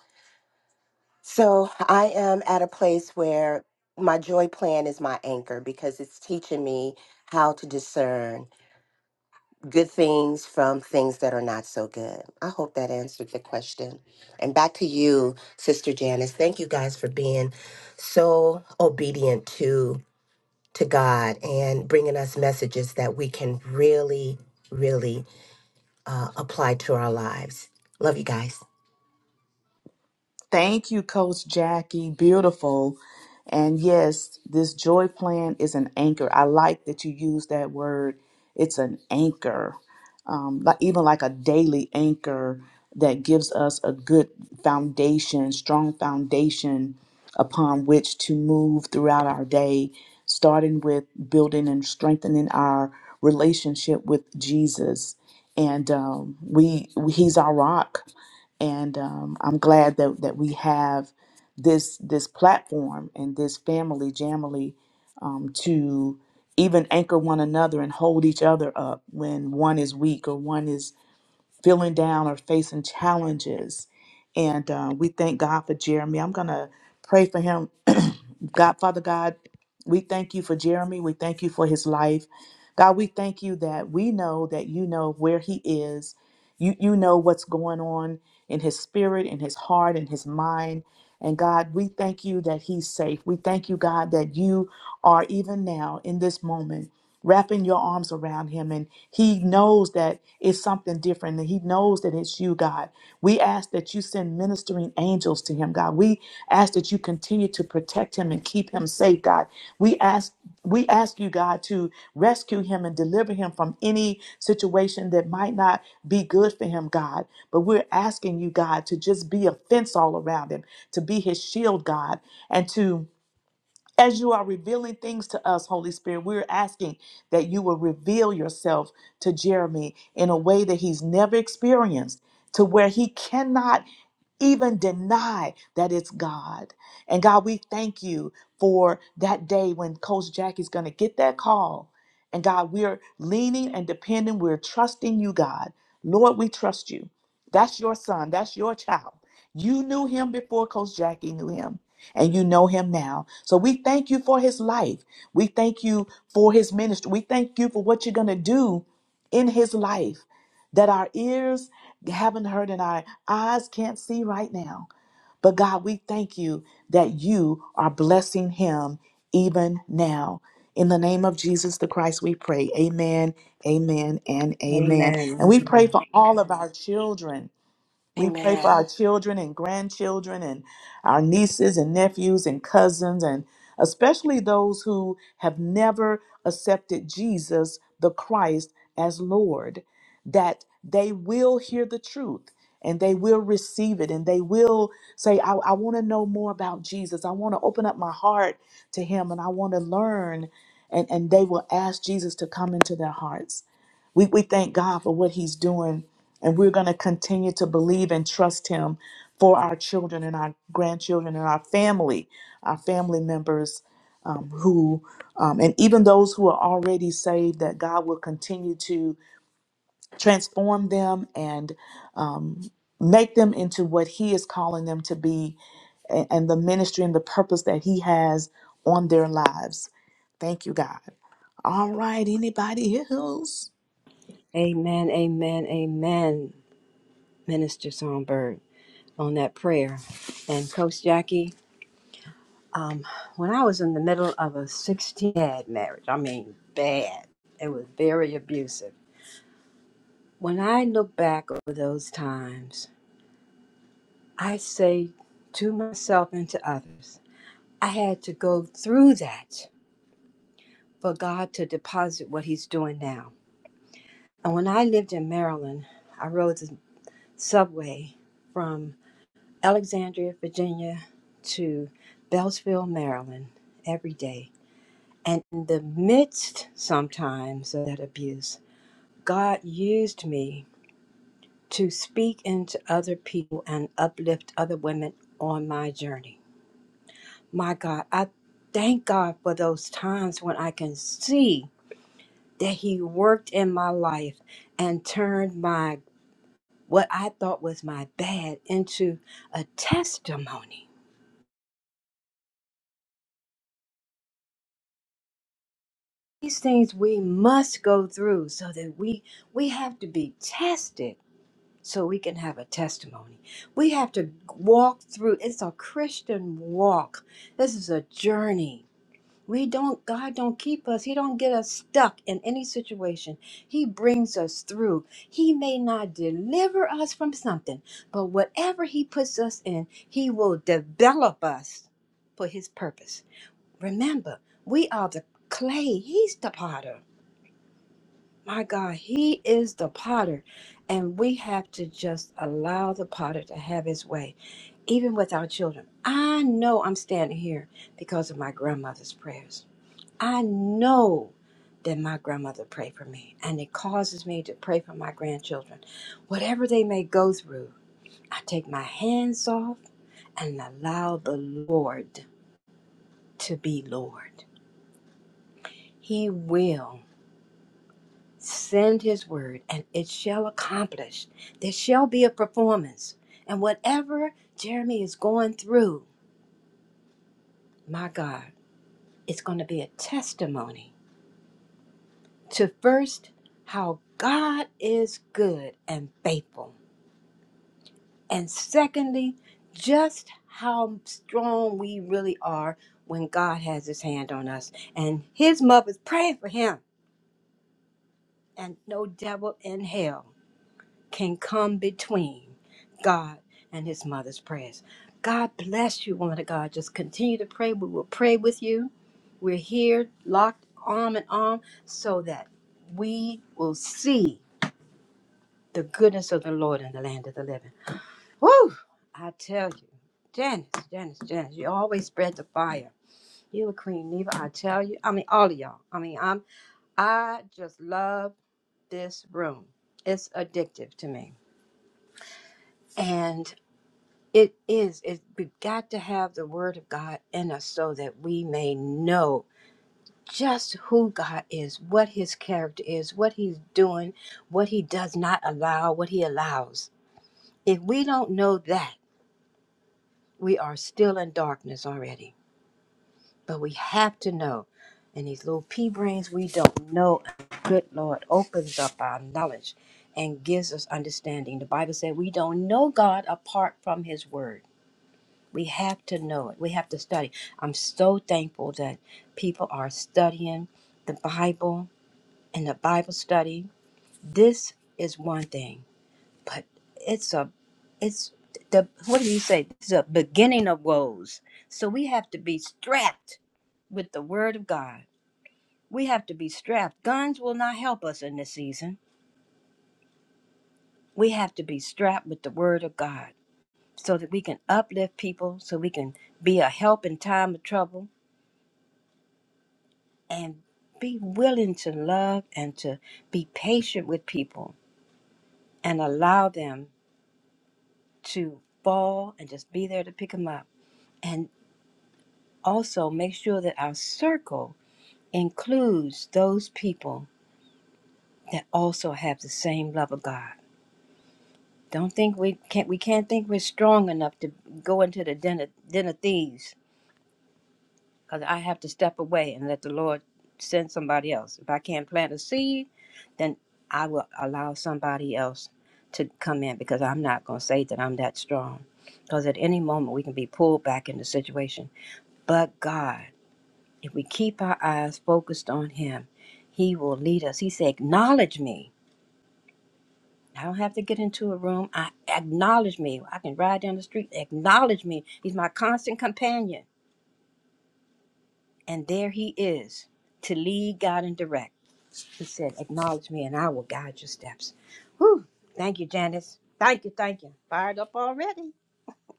[SPEAKER 6] So I am at a place where my joy plan is my anchor because it's teaching me how to discern good things from things that are not so good. I hope that answered the question. And back to you, Sister Janice. Thank you guys for being so obedient to to God and bringing us messages that we can really, really uh, apply to our lives. Love you guys.
[SPEAKER 3] Thank you, Coach Jackie. Beautiful. And yes, this joy plan is an anchor. I like that you use that word. It's an anchor, um, like, even like a daily anchor that gives us a good foundation, strong foundation upon which to move throughout our day, starting with building and strengthening our relationship with Jesus. And um, we, he's our rock and um, I'm glad that that we have this this platform and this family jamily um, to even anchor one another and hold each other up when one is weak or one is feeling down or facing challenges. And uh, we thank God for Jeremy. I'm going to pray for him. God, Father God, we thank you for Jeremy. We thank you for his life. God, we thank you that we know that you know where he is. You, you know what's going on in his spirit, in his heart, in his mind. And God, we thank you that he's safe. We thank you, God, that you are even now in this moment wrapping your arms around him and he knows that it's something different and he knows that it's you god we ask that you send ministering angels to him god we ask that you continue to protect him and keep him safe god we ask we ask you god to rescue him and deliver him from any situation that might not be good for him god but we're asking you god to just be a fence all around him to be his shield god and to as you are revealing things to us, Holy Spirit, we're asking that you will reveal yourself to Jeremy in a way that he's never experienced, to where he cannot even deny that it's God. And God, we thank you for that day when Coach Jackie's going to get that call. And God, we're leaning and depending, we're trusting you, God. Lord, we trust you. That's your son, that's your child. You knew him before Coach Jackie knew him, and you know him now. So we thank you for his life. We thank you for his ministry. We thank you for what you're going to do in his life. That our ears haven't heard and our eyes can't see right now. But God, we thank you that you are blessing him even now. In the name of Jesus the Christ, we pray. Amen, amen, and amen. And
[SPEAKER 7] Amen.
[SPEAKER 3] we pray for all of our children we pray for
[SPEAKER 6] Amen.
[SPEAKER 3] our children and grandchildren and our nieces and nephews and cousins, and especially those who have never accepted Jesus the Christ as Lord, that they will hear the truth and they will receive it and they will say, I, I want to know more about Jesus. I want to open up my heart to Him and I want to learn. And, and they will ask Jesus to come into their hearts. We, we thank God for what He's doing and we're going to continue to believe and trust Him for our children and our grandchildren and our family, our family members um, who, um, and even those who are already saved, that God will continue to transform them and um, make them into what He is calling them to be a- and the ministry and the purpose that He has on their lives. Thank you, God. All right, anybody else?
[SPEAKER 7] Amen. Amen. Amen. Minister Songbird on that prayer. And Coach Jackie, um, when I was in the middle of a 16 bad marriage, I mean bad, it was very abusive. When I look back over those times, I say to myself and to others, I had to go through that for God to deposit what He's doing now. And when I lived in Maryland, I rode the subway from Alexandria, Virginia to Beltsville, Maryland every day. And in the midst sometimes of that abuse, God used me to speak into other people and uplift other women on my journey. My God, I thank God for those times when I can see that He worked in my life and turned my what I thought was my bad into a testimony these things we must go through so that we we have to be tested so we can have a testimony we have to walk through it's a christian walk this is a journey we don't god don't keep us he don't get us stuck in any situation he brings us through he may not deliver us from something but whatever he puts us in he will develop us for his purpose remember we are the clay he's the potter my God, He is the potter, and we have to just allow the potter to have His way, even with our children. I know I'm standing here because of my grandmother's prayers. I know that my grandmother prayed for me, and it causes me to pray for my grandchildren. Whatever they may go through, I take my hands off and allow the Lord to be Lord. He will. Send his word, and it shall accomplish. There shall be a performance. And whatever Jeremy is going through, my God, it's going to be a testimony to first, how God is good and faithful. And secondly, just how strong we really are when God has his hand on us. And his mother's praying for him, and no devil in hell can come between God and his mother's prayers. God bless you, woman of God. Just continue to pray. We will pray with you. We're here, locked arm in arm, so that we will see the goodness of the Lord in the land of the living. Woo! I tell you, Janice, Janice, Janice, you always spread the fire. You a queen, Neva. I tell you. I mean, all of y'all. I mean, I'm. I just love this room. It's addictive to me, and It is. It, we've got to have the Word of God in us so that we may know just who God is, what His character is, what He's doing, what He does not allow, what He allows. If we don't know that, we are still in darkness already. But we have to know. And these little pea brains, we don't know. Good Lord opens up our knowledge and gives us understanding. The Bible said we don't know God apart from His Word. We have to know it. We have to study. I'm so thankful that people are studying the Bible and the Bible study. This is one thing, but it's a, it's the, what do you say? It's a beginning of woes. So we have to be strapped with the Word of God. We have to be strapped. Guns will not help us in this season. We have to be strapped with the Word of God so that we can uplift people, so we can be a help in time of trouble and be willing to love and to be patient with people and allow them to fall and just be there to pick them up. And also make sure that our circle includes those people that also have the same love of God. Don't think we can't we can't think we're strong enough to go into the den of, den of thieves because I have to step away and let the Lord send somebody else. If I can't plant a seed, then I will allow somebody else to come in because I'm not going to say that I'm that strong. Because at any moment we can be pulled back in the situation. But God, if we keep our eyes focused on Him, He will lead us. He said, Acknowledge me. I don't have to get into a room. I acknowledge me. I can ride down the street. Acknowledge me. He's my constant companion. And there he is to lead, guide, and direct. He said, Acknowledge me and I will guide your steps. Whew. Thank you, Janice. Thank you, thank you. Fired up already.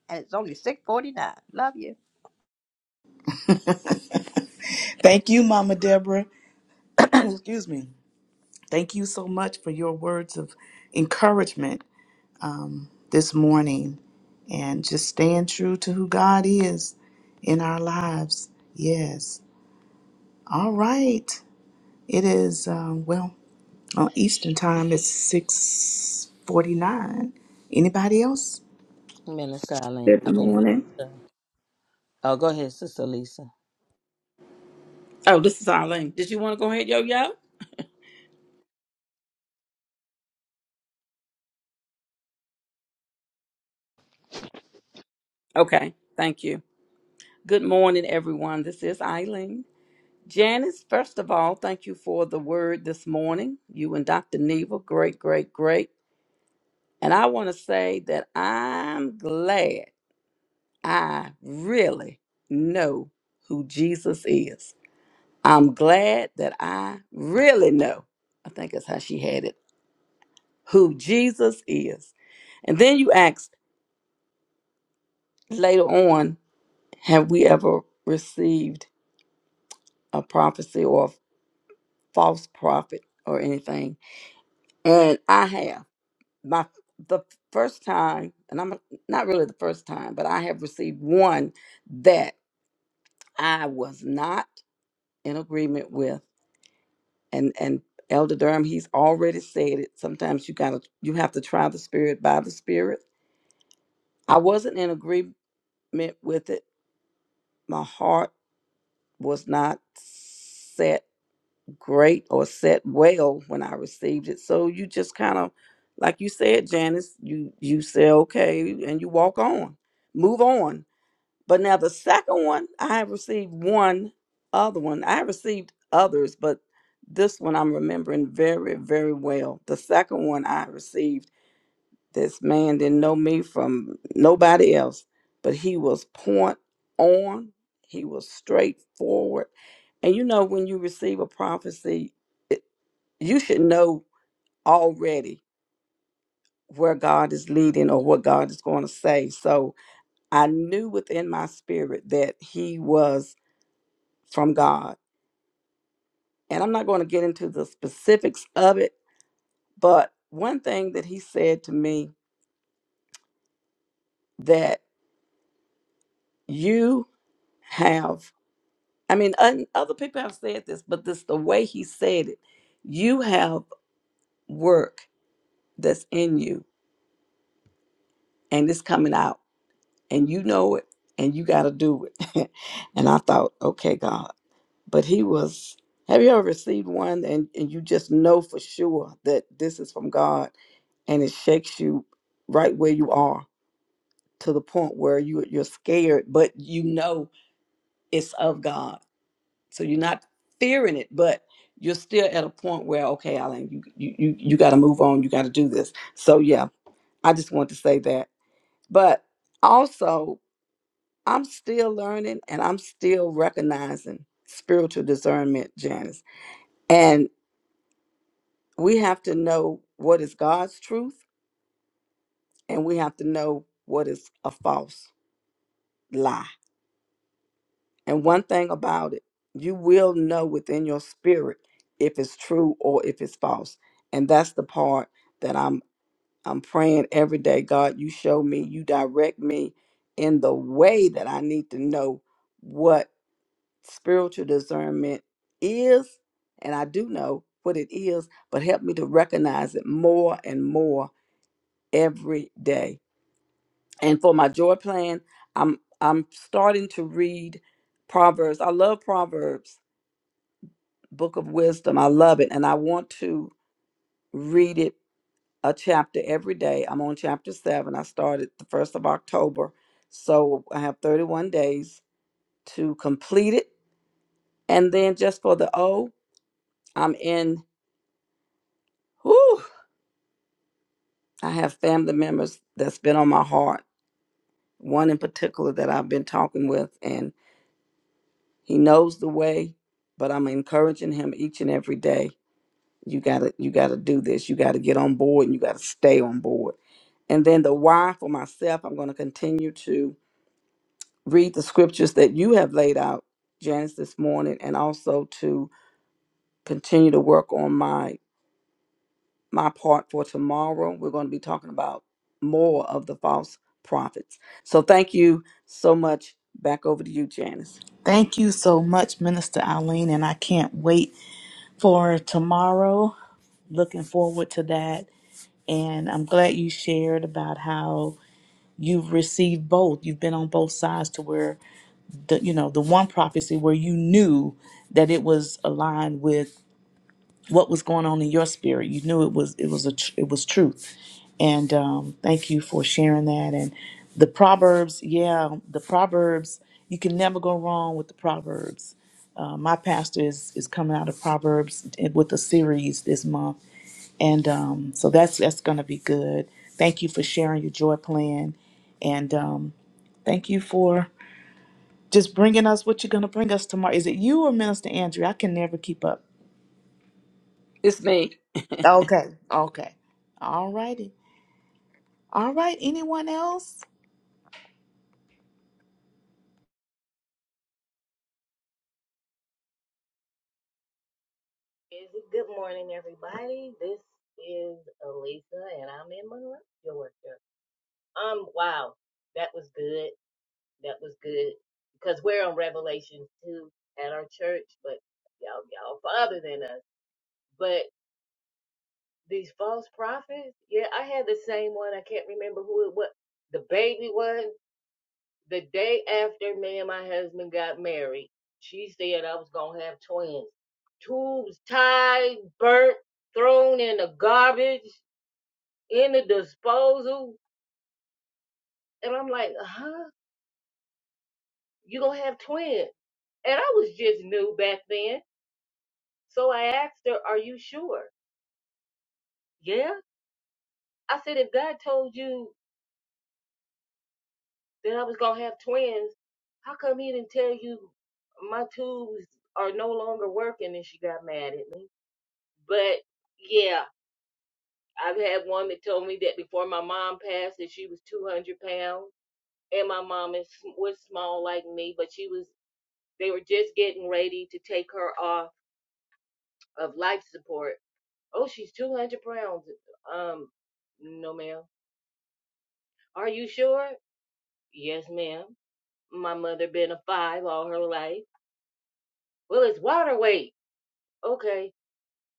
[SPEAKER 7] And it's only 649. Love you.
[SPEAKER 3] Thank you, Mama Deborah. Excuse me. Thank you so much for your words of encouragement um, this morning and just staying true to who God is in our lives. Yes. All right. It is, um, well, on Eastern time, it's 649. Anybody else?
[SPEAKER 8] Minister Eileen.
[SPEAKER 9] Good
[SPEAKER 8] I mean,
[SPEAKER 9] morning.
[SPEAKER 8] Minister. Oh, go ahead, Sister Lisa.
[SPEAKER 9] Oh, this is Eileen. Did you want to go ahead, yo yo? Okay, thank you. Good morning, everyone. This is Eileen. Janice, first of all, thank you for the word this morning. You and Dr. Neva, great, great, great. And I want to say that I'm glad I really know who Jesus is. I'm glad that I really know, I think that's how she had it, who Jesus is. And then you asked later on Have we ever received a prophecy or a false prophet or anything? And I have. My the first time, and I'm not really the first time, but I have received one that I was not in agreement with. And and Elder Durham, he's already said it. Sometimes you gotta you have to try the spirit by the spirit. I wasn't in agreement with it. My heart was not set great or set well when I received it. So you just kind of, like you said, Janice, you you say okay and you walk on, move on. But now the second one, I have received one other one. I have received others, but this one I'm remembering very very well. The second one I received. This man didn't know me from nobody else, but he was point on. He was straightforward. And you know, when you receive a prophecy, it, you should know already where God is leading or what God is going to say. So I knew within my spirit that he was from God. And I'm not going to get into the specifics of it, but one thing that he said to me that you have I mean, un, other people have said this, but this the way he said it. You have work that's in you, and it's coming out, and you know it, and you got to do it. and I thought, okay, God, but he was. Have you ever received one, and and you just know for sure that this is from God, and it shakes you right where you are to the point where you you're scared, but you know it's of God So you're not fearing it, but you're still at a point where, okay, Alan, you you you, you got to move on. You got to do this. So yeah, I just want to say that. But also, I'm still learning and I'm still recognizing spiritual discernment, Janice. And we have to know what is God's truth, and we have to know what is a false lie And one thing about it, you will know within your spirit if it's true or if it's false. And that's the part that I'm I'm praying every day, God, you show me, you direct me in the way that I need to know what spiritual discernment is, and I do know what it is, but help me to recognize it more and more every day. And for my joy plan, I'm I'm starting to read Proverbs. I love Proverbs Book of Wisdom. I love it. And I want to read it a chapter every day. I'm on chapter seven. I started the 1st of October. So I have 31 days to complete it. And then just for the O, I'm in, whew, I have family members that's been on my heart. One in particular that I've been talking with, and he knows the way, but I'm encouraging him each and every day. You gotta, you gotta do this. You gotta get on board, and you gotta stay on board And then the why for myself, I'm going to continue to read the scriptures that you have laid out, Janice, this morning, and also to continue to work on my my part for tomorrow. We're going to be talking about more of the false prophets. So thank you so much. Back over to you, Janice.
[SPEAKER 3] Thank you so much, Minister Eileen, and I can't wait for tomorrow. Looking forward to that. And I'm glad you shared about how you've received both you've been on both sides to where the you know the one prophecy where you knew that it was aligned with what was going on in your spirit you knew it was it was a tr- it was truth and um, thank you for sharing that and the proverbs yeah the proverbs you can never go wrong with the proverbs uh, my pastor is is coming out of proverbs with a series this month and um, so that's that's going to be good thank you for sharing your joy plan and um, Thank you for just bringing us what you're going to bring us tomorrow. Is it you or Minister Andrew? I can never keep up.
[SPEAKER 9] It's me.
[SPEAKER 3] Okay. Okay. All righty. All right. Anyone else?
[SPEAKER 10] Is it good morning, everybody? This is Alisa, and I'm in Monroe, Georgia. Um, wow, that was good. That was good because we're on Revelation two at our church, but y'all, y'all farther than us. But these false prophets, yeah, I had the same one. I can't remember who it was. The baby one. the day after me and my husband got married, she said I was gonna have twins. Tubes tied, burnt, thrown in the garbage, in the disposal. And I'm like, huh? You gonna have twins? And I was just new back then. So I asked her, Are you sure? Yeah. I said, if God told you that I was gonna have twins, how come he didn't tell you my tubes are no longer working? And she got mad at me. But yeah, I've had one that told me that before my mom passed that she was 200 pounds, and my mom is was small like me, but she was. They were just getting ready to take her off of life support. Oh, she's 200 pounds. Um, no, ma'am. Are you sure? Yes, ma'am. My mother been a five all her life. Well, it's water weight. Okay.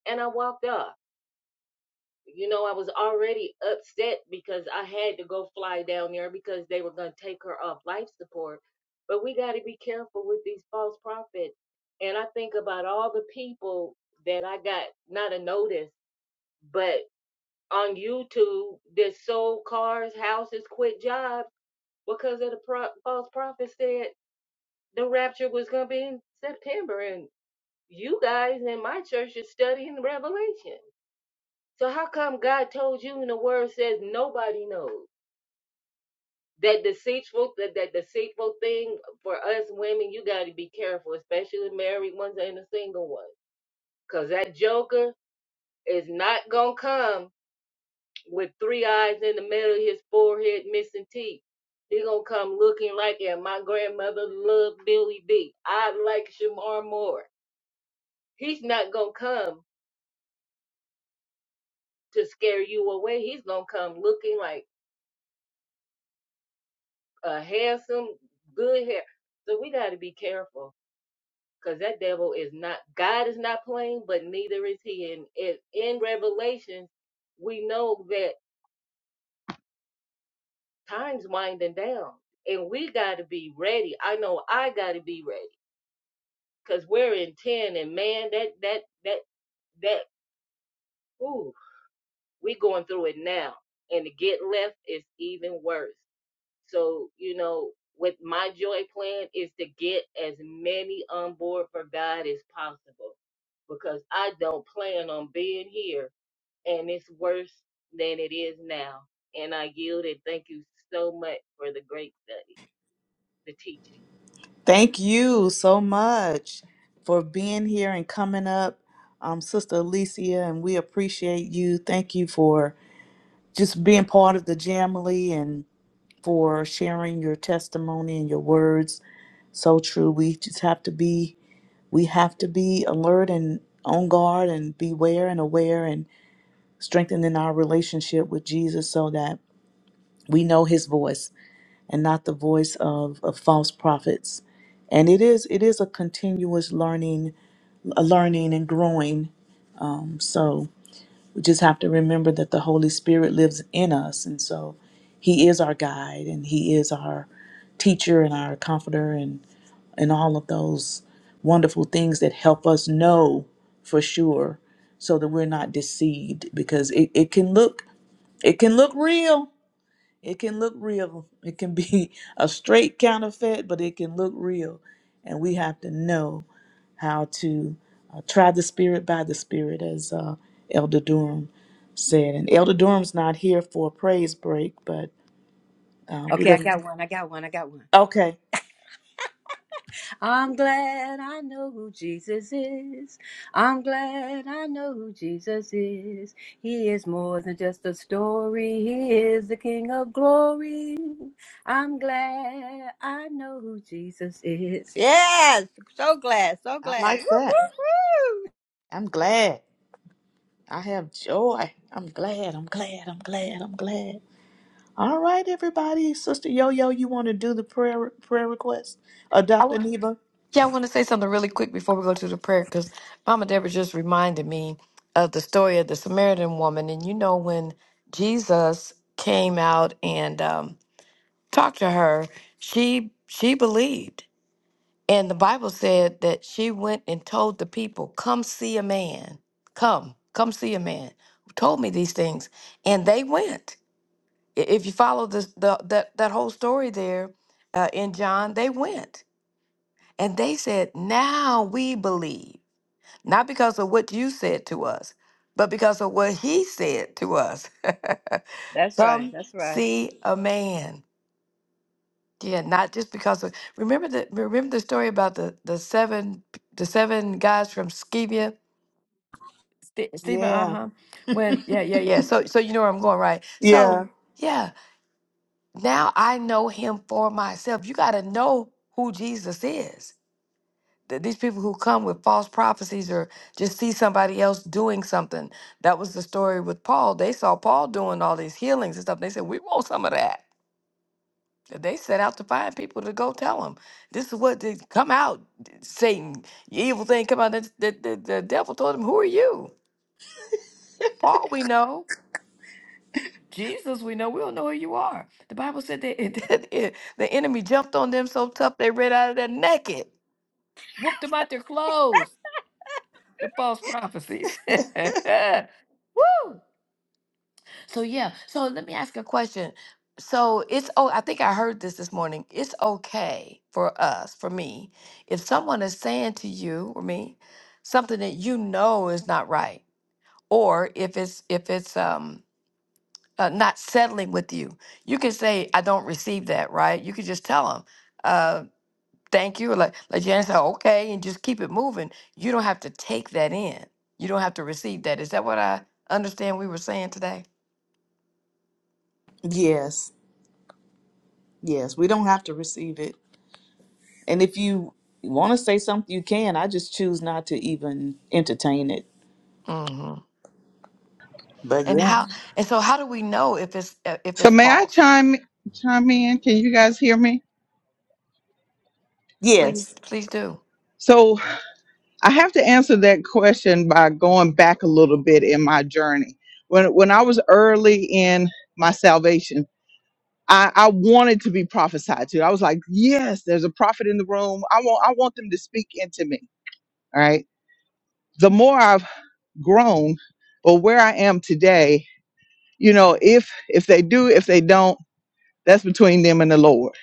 [SPEAKER 10] And I walked off. You know, I was already upset because I had to go fly down there because they were going to take her off life support. But we got to be careful with these false prophets. And I think about all the people that I got not a notice, but on YouTube that sold cars, houses, quit jobs because of the pro- false prophet said the rapture was going to be in September. And you guys in my church are studying Revelation. So how come God told you and the word says nobody knows? That deceitful that, that deceitful thing for us women, you gotta be careful, especially married ones and the single ones. Cause that joker is not gonna come with three eyes in the middle of his forehead missing teeth. He gonna come looking like yeah, my grandmother loved Billy D. I like Shamar Moore. He's not gonna come to scare you away. He's gonna come looking like a handsome, good hair. So we got to be careful because that devil is not, God is not playing, but neither is he. And in, in Revelation, we know that time's winding down and we got to be ready. I know I got to be ready because we're in 10 and man, that, that, that, that, ooh, we going through it now. And to get left is even worse. So, you know, with my joy plan is to get as many on board for God as possible because I don't plan on being here and it's worse than it is now. And I yield it. Thank you so much for the great study, the teaching.
[SPEAKER 3] Thank you so much for being here and coming up, um, Sister Alicia, and we appreciate you. Thank you for just being part of the Jamily and for sharing your testimony and your words. So true. We just have to be we have to be alert and on guard and beware and aware and strengthening our relationship with Jesus so that we know his voice and not the voice of, of false prophets. And it is it is a continuous learning a learning and growing. So we just have to remember that the Holy Spirit lives in us and so he is our guide and he is our teacher and our comforter and. and all of those wonderful things that help us know for sure so that we're not deceived because it, it can look it can look real it can look real it can be a straight counterfeit but it can look real and we have to know how to uh, try the spirit by the spirit as uh, elder durham said and elder durham's not here for a praise break but uh, we're
[SPEAKER 7] Okay, I
[SPEAKER 3] gonna
[SPEAKER 7] got one. I got one. I got one.
[SPEAKER 3] okay
[SPEAKER 7] I'm glad I know who Jesus is. I'm glad I know who Jesus is. He is more than just a story. He is the King of glory. I'm glad I know who Jesus is. Yes, so glad, so
[SPEAKER 3] i
[SPEAKER 7] glad.
[SPEAKER 3] like that
[SPEAKER 7] Woo!
[SPEAKER 3] i'm glad I have joy. I'm glad. I'm glad. I'm glad. I'm glad. All right, everybody. Sister Yo Yo, you want to do the prayer prayer request? Uh, Dr. Neva?
[SPEAKER 2] Yeah, I want to say something really quick before we go to the prayer because Mama Deborah just reminded me of the story of the Samaritan woman. And you know, when Jesus came out and um, talked to her, she she believed, and the Bible said that she went and told the people, "Come see a man. Come, come see a man who told me these things." And they went. I- If you follow this, the that that whole story there uh, in John, they went and they said, Now we believe, not because of what you said to us, but because of what he said to us.
[SPEAKER 7] That's right.
[SPEAKER 2] Come
[SPEAKER 7] That's right.
[SPEAKER 2] see a man. Yeah, not just because of remember the remember the story about the the seven the seven guys from Skevia, Ste- Stephen,
[SPEAKER 3] Yeah.
[SPEAKER 2] uh-huh. When yeah, yeah, yeah. So so you know where I'm going, right? So Mm.
[SPEAKER 3] Yeah.
[SPEAKER 2] yeah, now I know him for myself. You gotta know who Jesus is th- these people who come with false prophecies or just see somebody else doing something. That was the story with Paul. They saw Paul doing all these healings and stuff. They said, "We want some of that." They set out to find people to go tell them, "This is what did come out, Satan, you evil thing, come out." The, the, the, the devil told him, "Who are you?" Paul, we know. Jesus, we know. We don't know who you are. The Bible said that it, that it, the enemy jumped on them so tough they ran out of their naked, whooped them out their clothes. The false prophecies. Woo! So yeah. So let me ask a question. So it's oh, I think I heard this this morning. It's okay for us, for me, if someone is saying to you or me something that you know is not right, or if it's if it's um uh, not settling with you, you can say I don't receive that. Right? You can just tell them thank you. Like like Janice said, okay, and just keep it moving. You don't have to take that in. You don't have to receive that. Is that what I understand we were saying today?
[SPEAKER 3] Yes. Yes. We don't have to receive it. And if you want to say something, you can. I just choose not to even entertain it.
[SPEAKER 2] hmm
[SPEAKER 3] But
[SPEAKER 2] And
[SPEAKER 3] yeah.
[SPEAKER 2] how and so how do we know if it's uh, if
[SPEAKER 1] So
[SPEAKER 2] it's
[SPEAKER 1] may I
[SPEAKER 2] false?
[SPEAKER 1] chime chime in? Can you guys hear me?
[SPEAKER 2] Please
[SPEAKER 3] Yes.
[SPEAKER 2] please do.
[SPEAKER 1] So I have to answer that question by going back a little bit in my journey. When when I was early in my salvation I, I wanted to be prophesied to. I was like, yes, there's a prophet in the room. I want I want them to speak into me. All right. The more I've grown or where I am today, you know, if if they do, if they don't, that's between them and the Lord.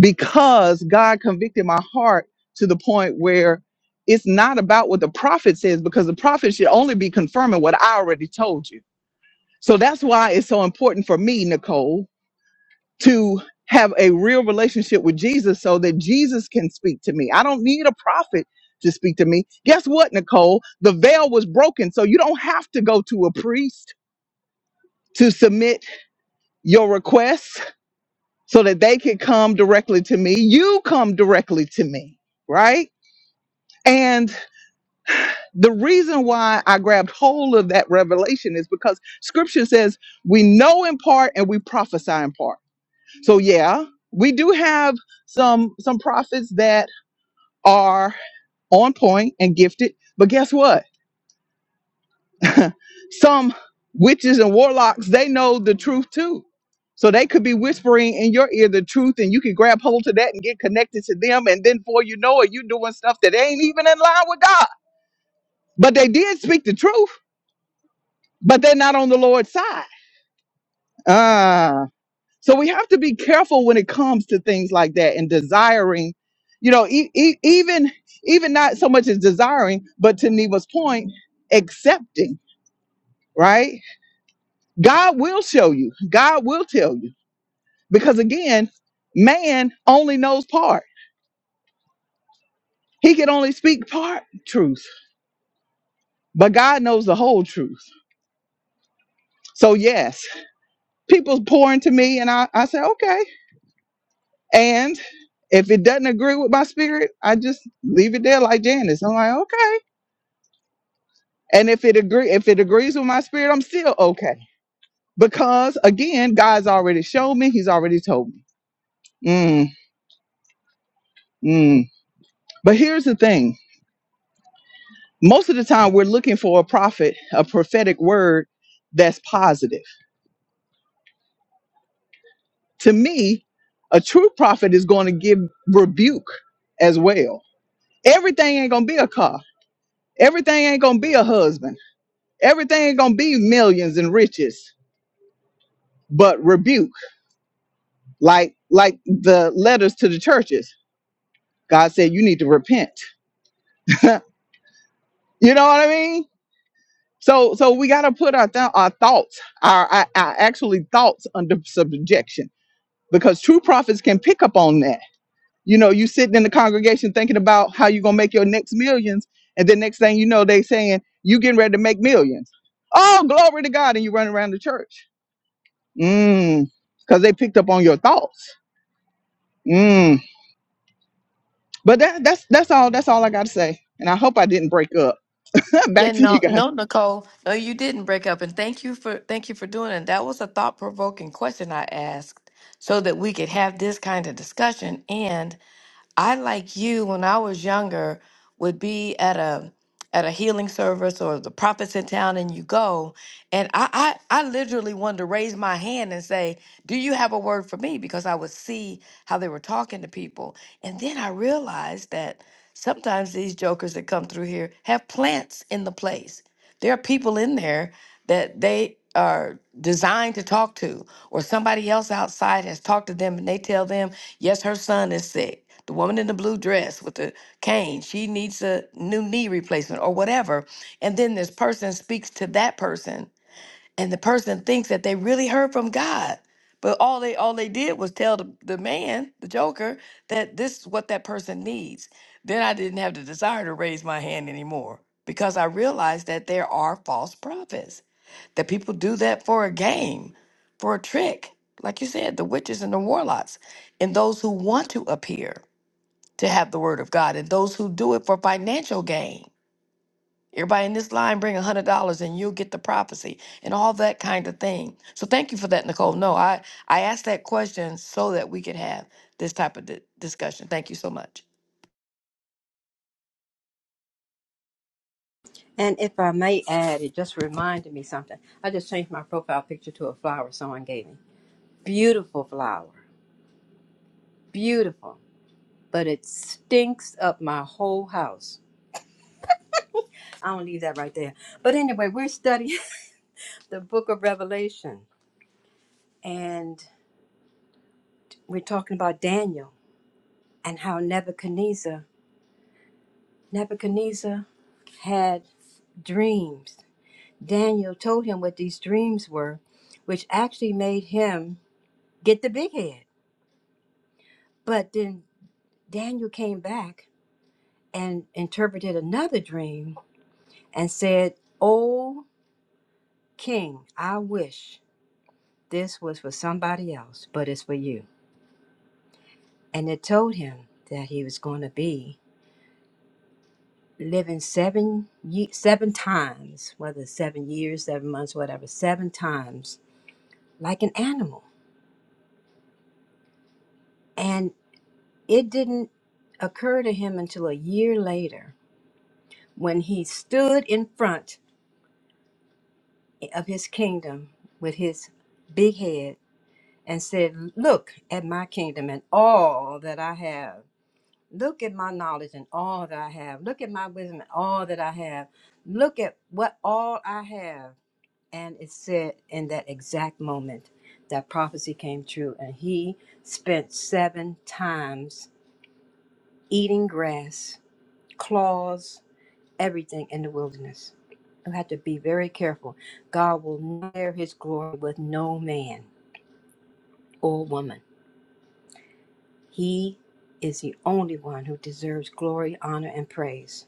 [SPEAKER 1] Because God convicted my heart to the point where it's not about what the prophet says, because the prophet should only be confirming what I already told you. So that's why it's so important for me, Nicole, to have a real relationship with Jesus so that Jesus can speak to me. I don't need a prophet to speak to me. Guess what, Nicole? The veil was broken. So you don't have to go to a priest to submit your requests so that they can come directly to me. You come directly to me, right? And the reason why I grabbed hold of that revelation is because scripture says we know in part and we prophesy in part. So, yeah, we do have some some prophets that are on point and gifted. But guess what? Some witches and warlocks, they know the truth too. So they could be whispering in your ear the truth, and you can grab hold to that and get connected to them. And then, before you know it, you're doing stuff that ain't even in line with God. But they did speak the truth, but they're not on the Lord's side. Ah. So we have to be careful when it comes to things like that and desiring, you know, e- e- even even not so much as desiring, but to Neva's point, accepting, right? God will show you. God will tell you. Because again, man only knows part. He can only speak part truth, but God knows the whole truth. So yes, people pour into me and I, I say, okay. And if it doesn't agree with my spirit, I just leave it there like Janice. I'm like, okay And if it agree, if it agrees with my spirit, I'm still okay. Because again, God's already showed me, He's already told me. Mm, mm. But here's the thing. Most of the time we're looking for a prophet, a prophetic word that's positive. To me, a true prophet is going to give rebuke as well. Everything ain't gonna be a car. Everything ain't gonna be a husband. Everything ain't gonna be millions and riches, but rebuke, like like the letters to the churches God said, you need to repent. You know what I mean? So, so we got to put our, th- our thoughts, our, our, our actually thoughts under subjection because true prophets can pick up on that. You know, you sitting in the congregation thinking about how you're going to make your next millions. And then next thing you know, they saying, you getting ready to make millions. Oh, glory to God. And you running around the church.
[SPEAKER 2] Yeah, no, no, Nicole, no, you didn't break up, and thank you for thank you for doing it. That was a thought provoking question I asked, so that we could have this kind of discussion, and I like you when I was younger would be at a at a healing service or the prophets in town and you go and I, I I literally wanted to raise my hand and say, Do you have a word for me? Because I would see how they were talking to people. And then I realized that sometimes these jokers that come through here have plants in the place. There are people in there that they are designed to talk to, or somebody else outside has talked to them and they tell them Yes, her son is sick. The woman in the blue dress with the cane, she needs a new knee replacement or whatever. And then this person speaks to that person, and the person thinks that they really heard from God. But all they all they did was tell the, the man, the joker, that this is what that person needs. Then I didn't have the desire to raise my hand anymore because I realized that there are false prophets that people do that for a game, for a trick. Like you said, the witches and the warlocks, and those who want to appear to have the word of God, and those who do it for financial gain. Everybody in this line bring a hundred dollars and you'll get the prophecy and all that kind of thing. So thank you for that, Nicole. No, I I asked that question so that we could have this type of di- discussion. Thank you so much.
[SPEAKER 7] And if I may add, it just reminded me something. I just changed my profile picture to a flower someone gave me. Beautiful flower. Beautiful. But it stinks up my whole house. I'm going to leave that right there. But anyway, we're studying the book of Revelation. And we're talking about Daniel and how Nebuchadnezzar, Nebuchadnezzar had dreams. Daniel told him what these dreams were, which actually made him get the big head. But then Daniel came back and interpreted another dream and said, O king, I wish this was for somebody else, but it's for you. And it told him that he was going to be living seven ye- seven times, whether it's seven years, seven months, whatever, seven times like an animal. And it didn't occur to him until a year later when he stood in front of his kingdom with his big head and said, Look at my kingdom and all that I have. Look at my knowledge and all that I have. Look at my wisdom and all that I have. Look at what all I have. And it said in that exact moment that prophecy came true. And he spent seven times eating grass, claws, everything in the wilderness. You have to be very careful. God will not share his glory with no man or woman He is the only one who deserves glory, honor, and praise.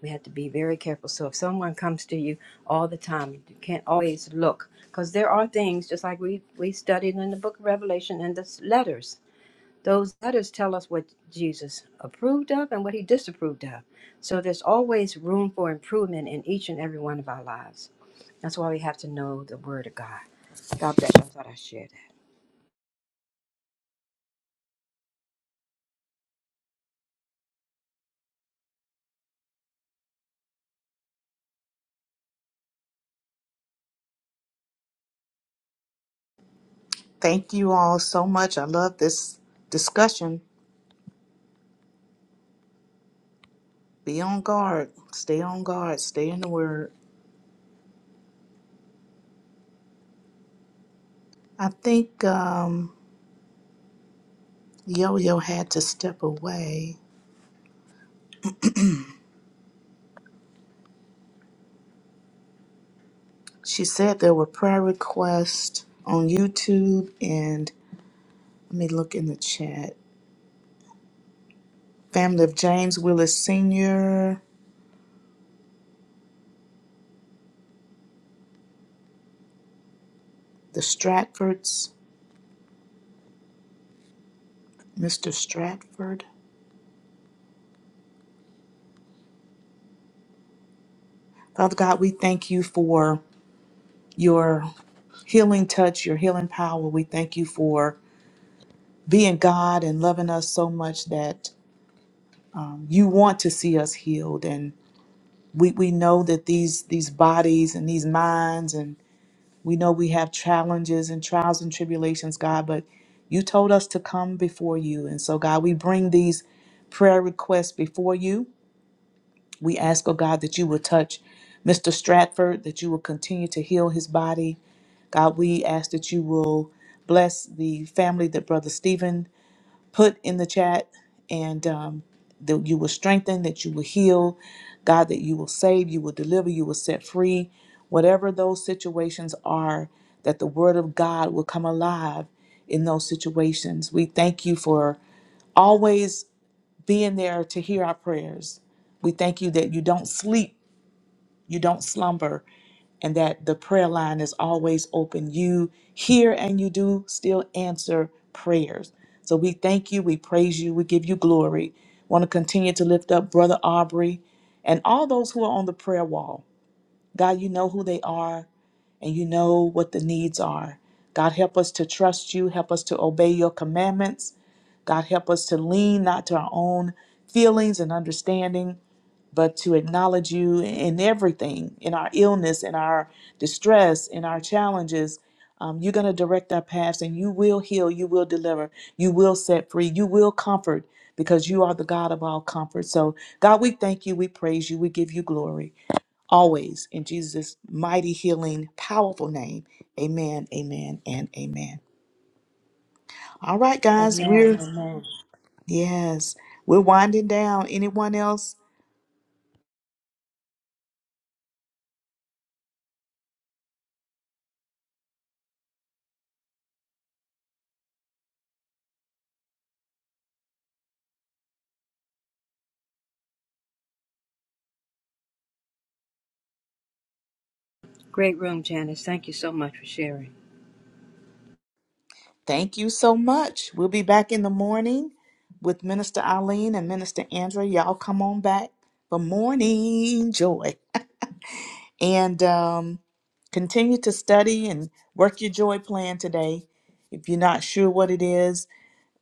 [SPEAKER 7] We have to be very careful. So if someone comes to you all the time, you can't always look because there are things just like we we studied in the book of Revelation and the s- letters. Those letters tell us what Jesus approved of and what he disapproved of. So there's always room for improvement in each and every one of our lives. That's why we have to know the word of God. God bless you. I thought I shared
[SPEAKER 3] Thank you all so much. I love this discussion. Be on guard. Stay on guard. Stay in the word. I think. um Yo Yo had to step away. She said there were prayer requests on YouTube and let me look in the chat. Family of James Willis Sr., the Stratfords, Mr. Stratford. Father God, we thank you for your healing touch, your healing power. We thank you for being God and loving us so much that um, you want to see us healed. And we, we know that these these bodies and these minds and We know we have challenges and trials and tribulations, God, but you told us to come before you. And so, God, we bring these prayer requests before you. We ask, oh God, that you will touch Mr. Stratford, that you will continue to heal his body. God, we ask that you will bless the family that Brother Stephen put in the chat, and um, that you will strengthen, that you will heal, God, that you will save, you will deliver, you will set free. Whatever those situations are, that the Word of God will come alive in those situations. We thank you for always being there to hear our prayers. We thank you that you don't sleep, you don't slumber, and that the prayer line is always open. You hear and you do still answer prayers. So we thank you, we praise you, we give you glory. Want to continue to lift up Brother Aubrey and all those who are on the prayer wall. God, you know who they are and you know what the needs are. God, help us to trust you, help us to obey your commandments. God, help us to lean not to our own feelings and understanding, but to acknowledge you in everything, in our illness, in our distress, in our challenges. Um, you're going to direct our paths and you will heal, you will deliver, you will set free, you will comfort because you are the God of all comfort. So, God, we thank you, we praise you, we give you glory always in Jesus' mighty, healing, powerful name. Amen, amen, and amen. All right,
[SPEAKER 7] that.
[SPEAKER 3] guys,
[SPEAKER 7] Amen.
[SPEAKER 3] we're,
[SPEAKER 7] Amen.
[SPEAKER 3] yes, we're winding down. Anyone else?
[SPEAKER 7] Great room, Janice. Thank you so much for sharing.
[SPEAKER 3] Thank you so much. We'll be back in the morning with Minister Eileen and Minister Andrea. Y'all come on back for morning joy. And um, continue to study and work your joy plan today. If you're not sure what it is,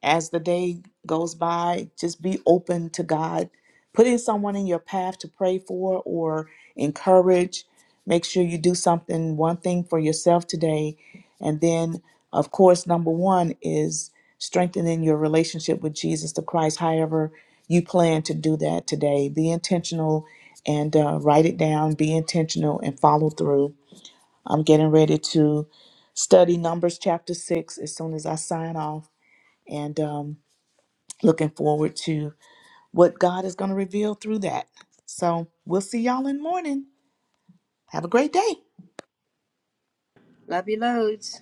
[SPEAKER 3] as the day goes by, just be open to God. Put in someone in your path to pray for or encourage. Make sure you do something, one thing for yourself today. And then, of course, number one is strengthening your relationship with Jesus the Christ, however you plan to do that today. Be intentional and uh, write it down. Be intentional and follow through. I'm getting ready to study Numbers chapter 6 as soon as I sign off. And um, Looking forward to what God is going to reveal through that. So we'll see y'all in the morning. Have a great day.
[SPEAKER 7] Love you loads.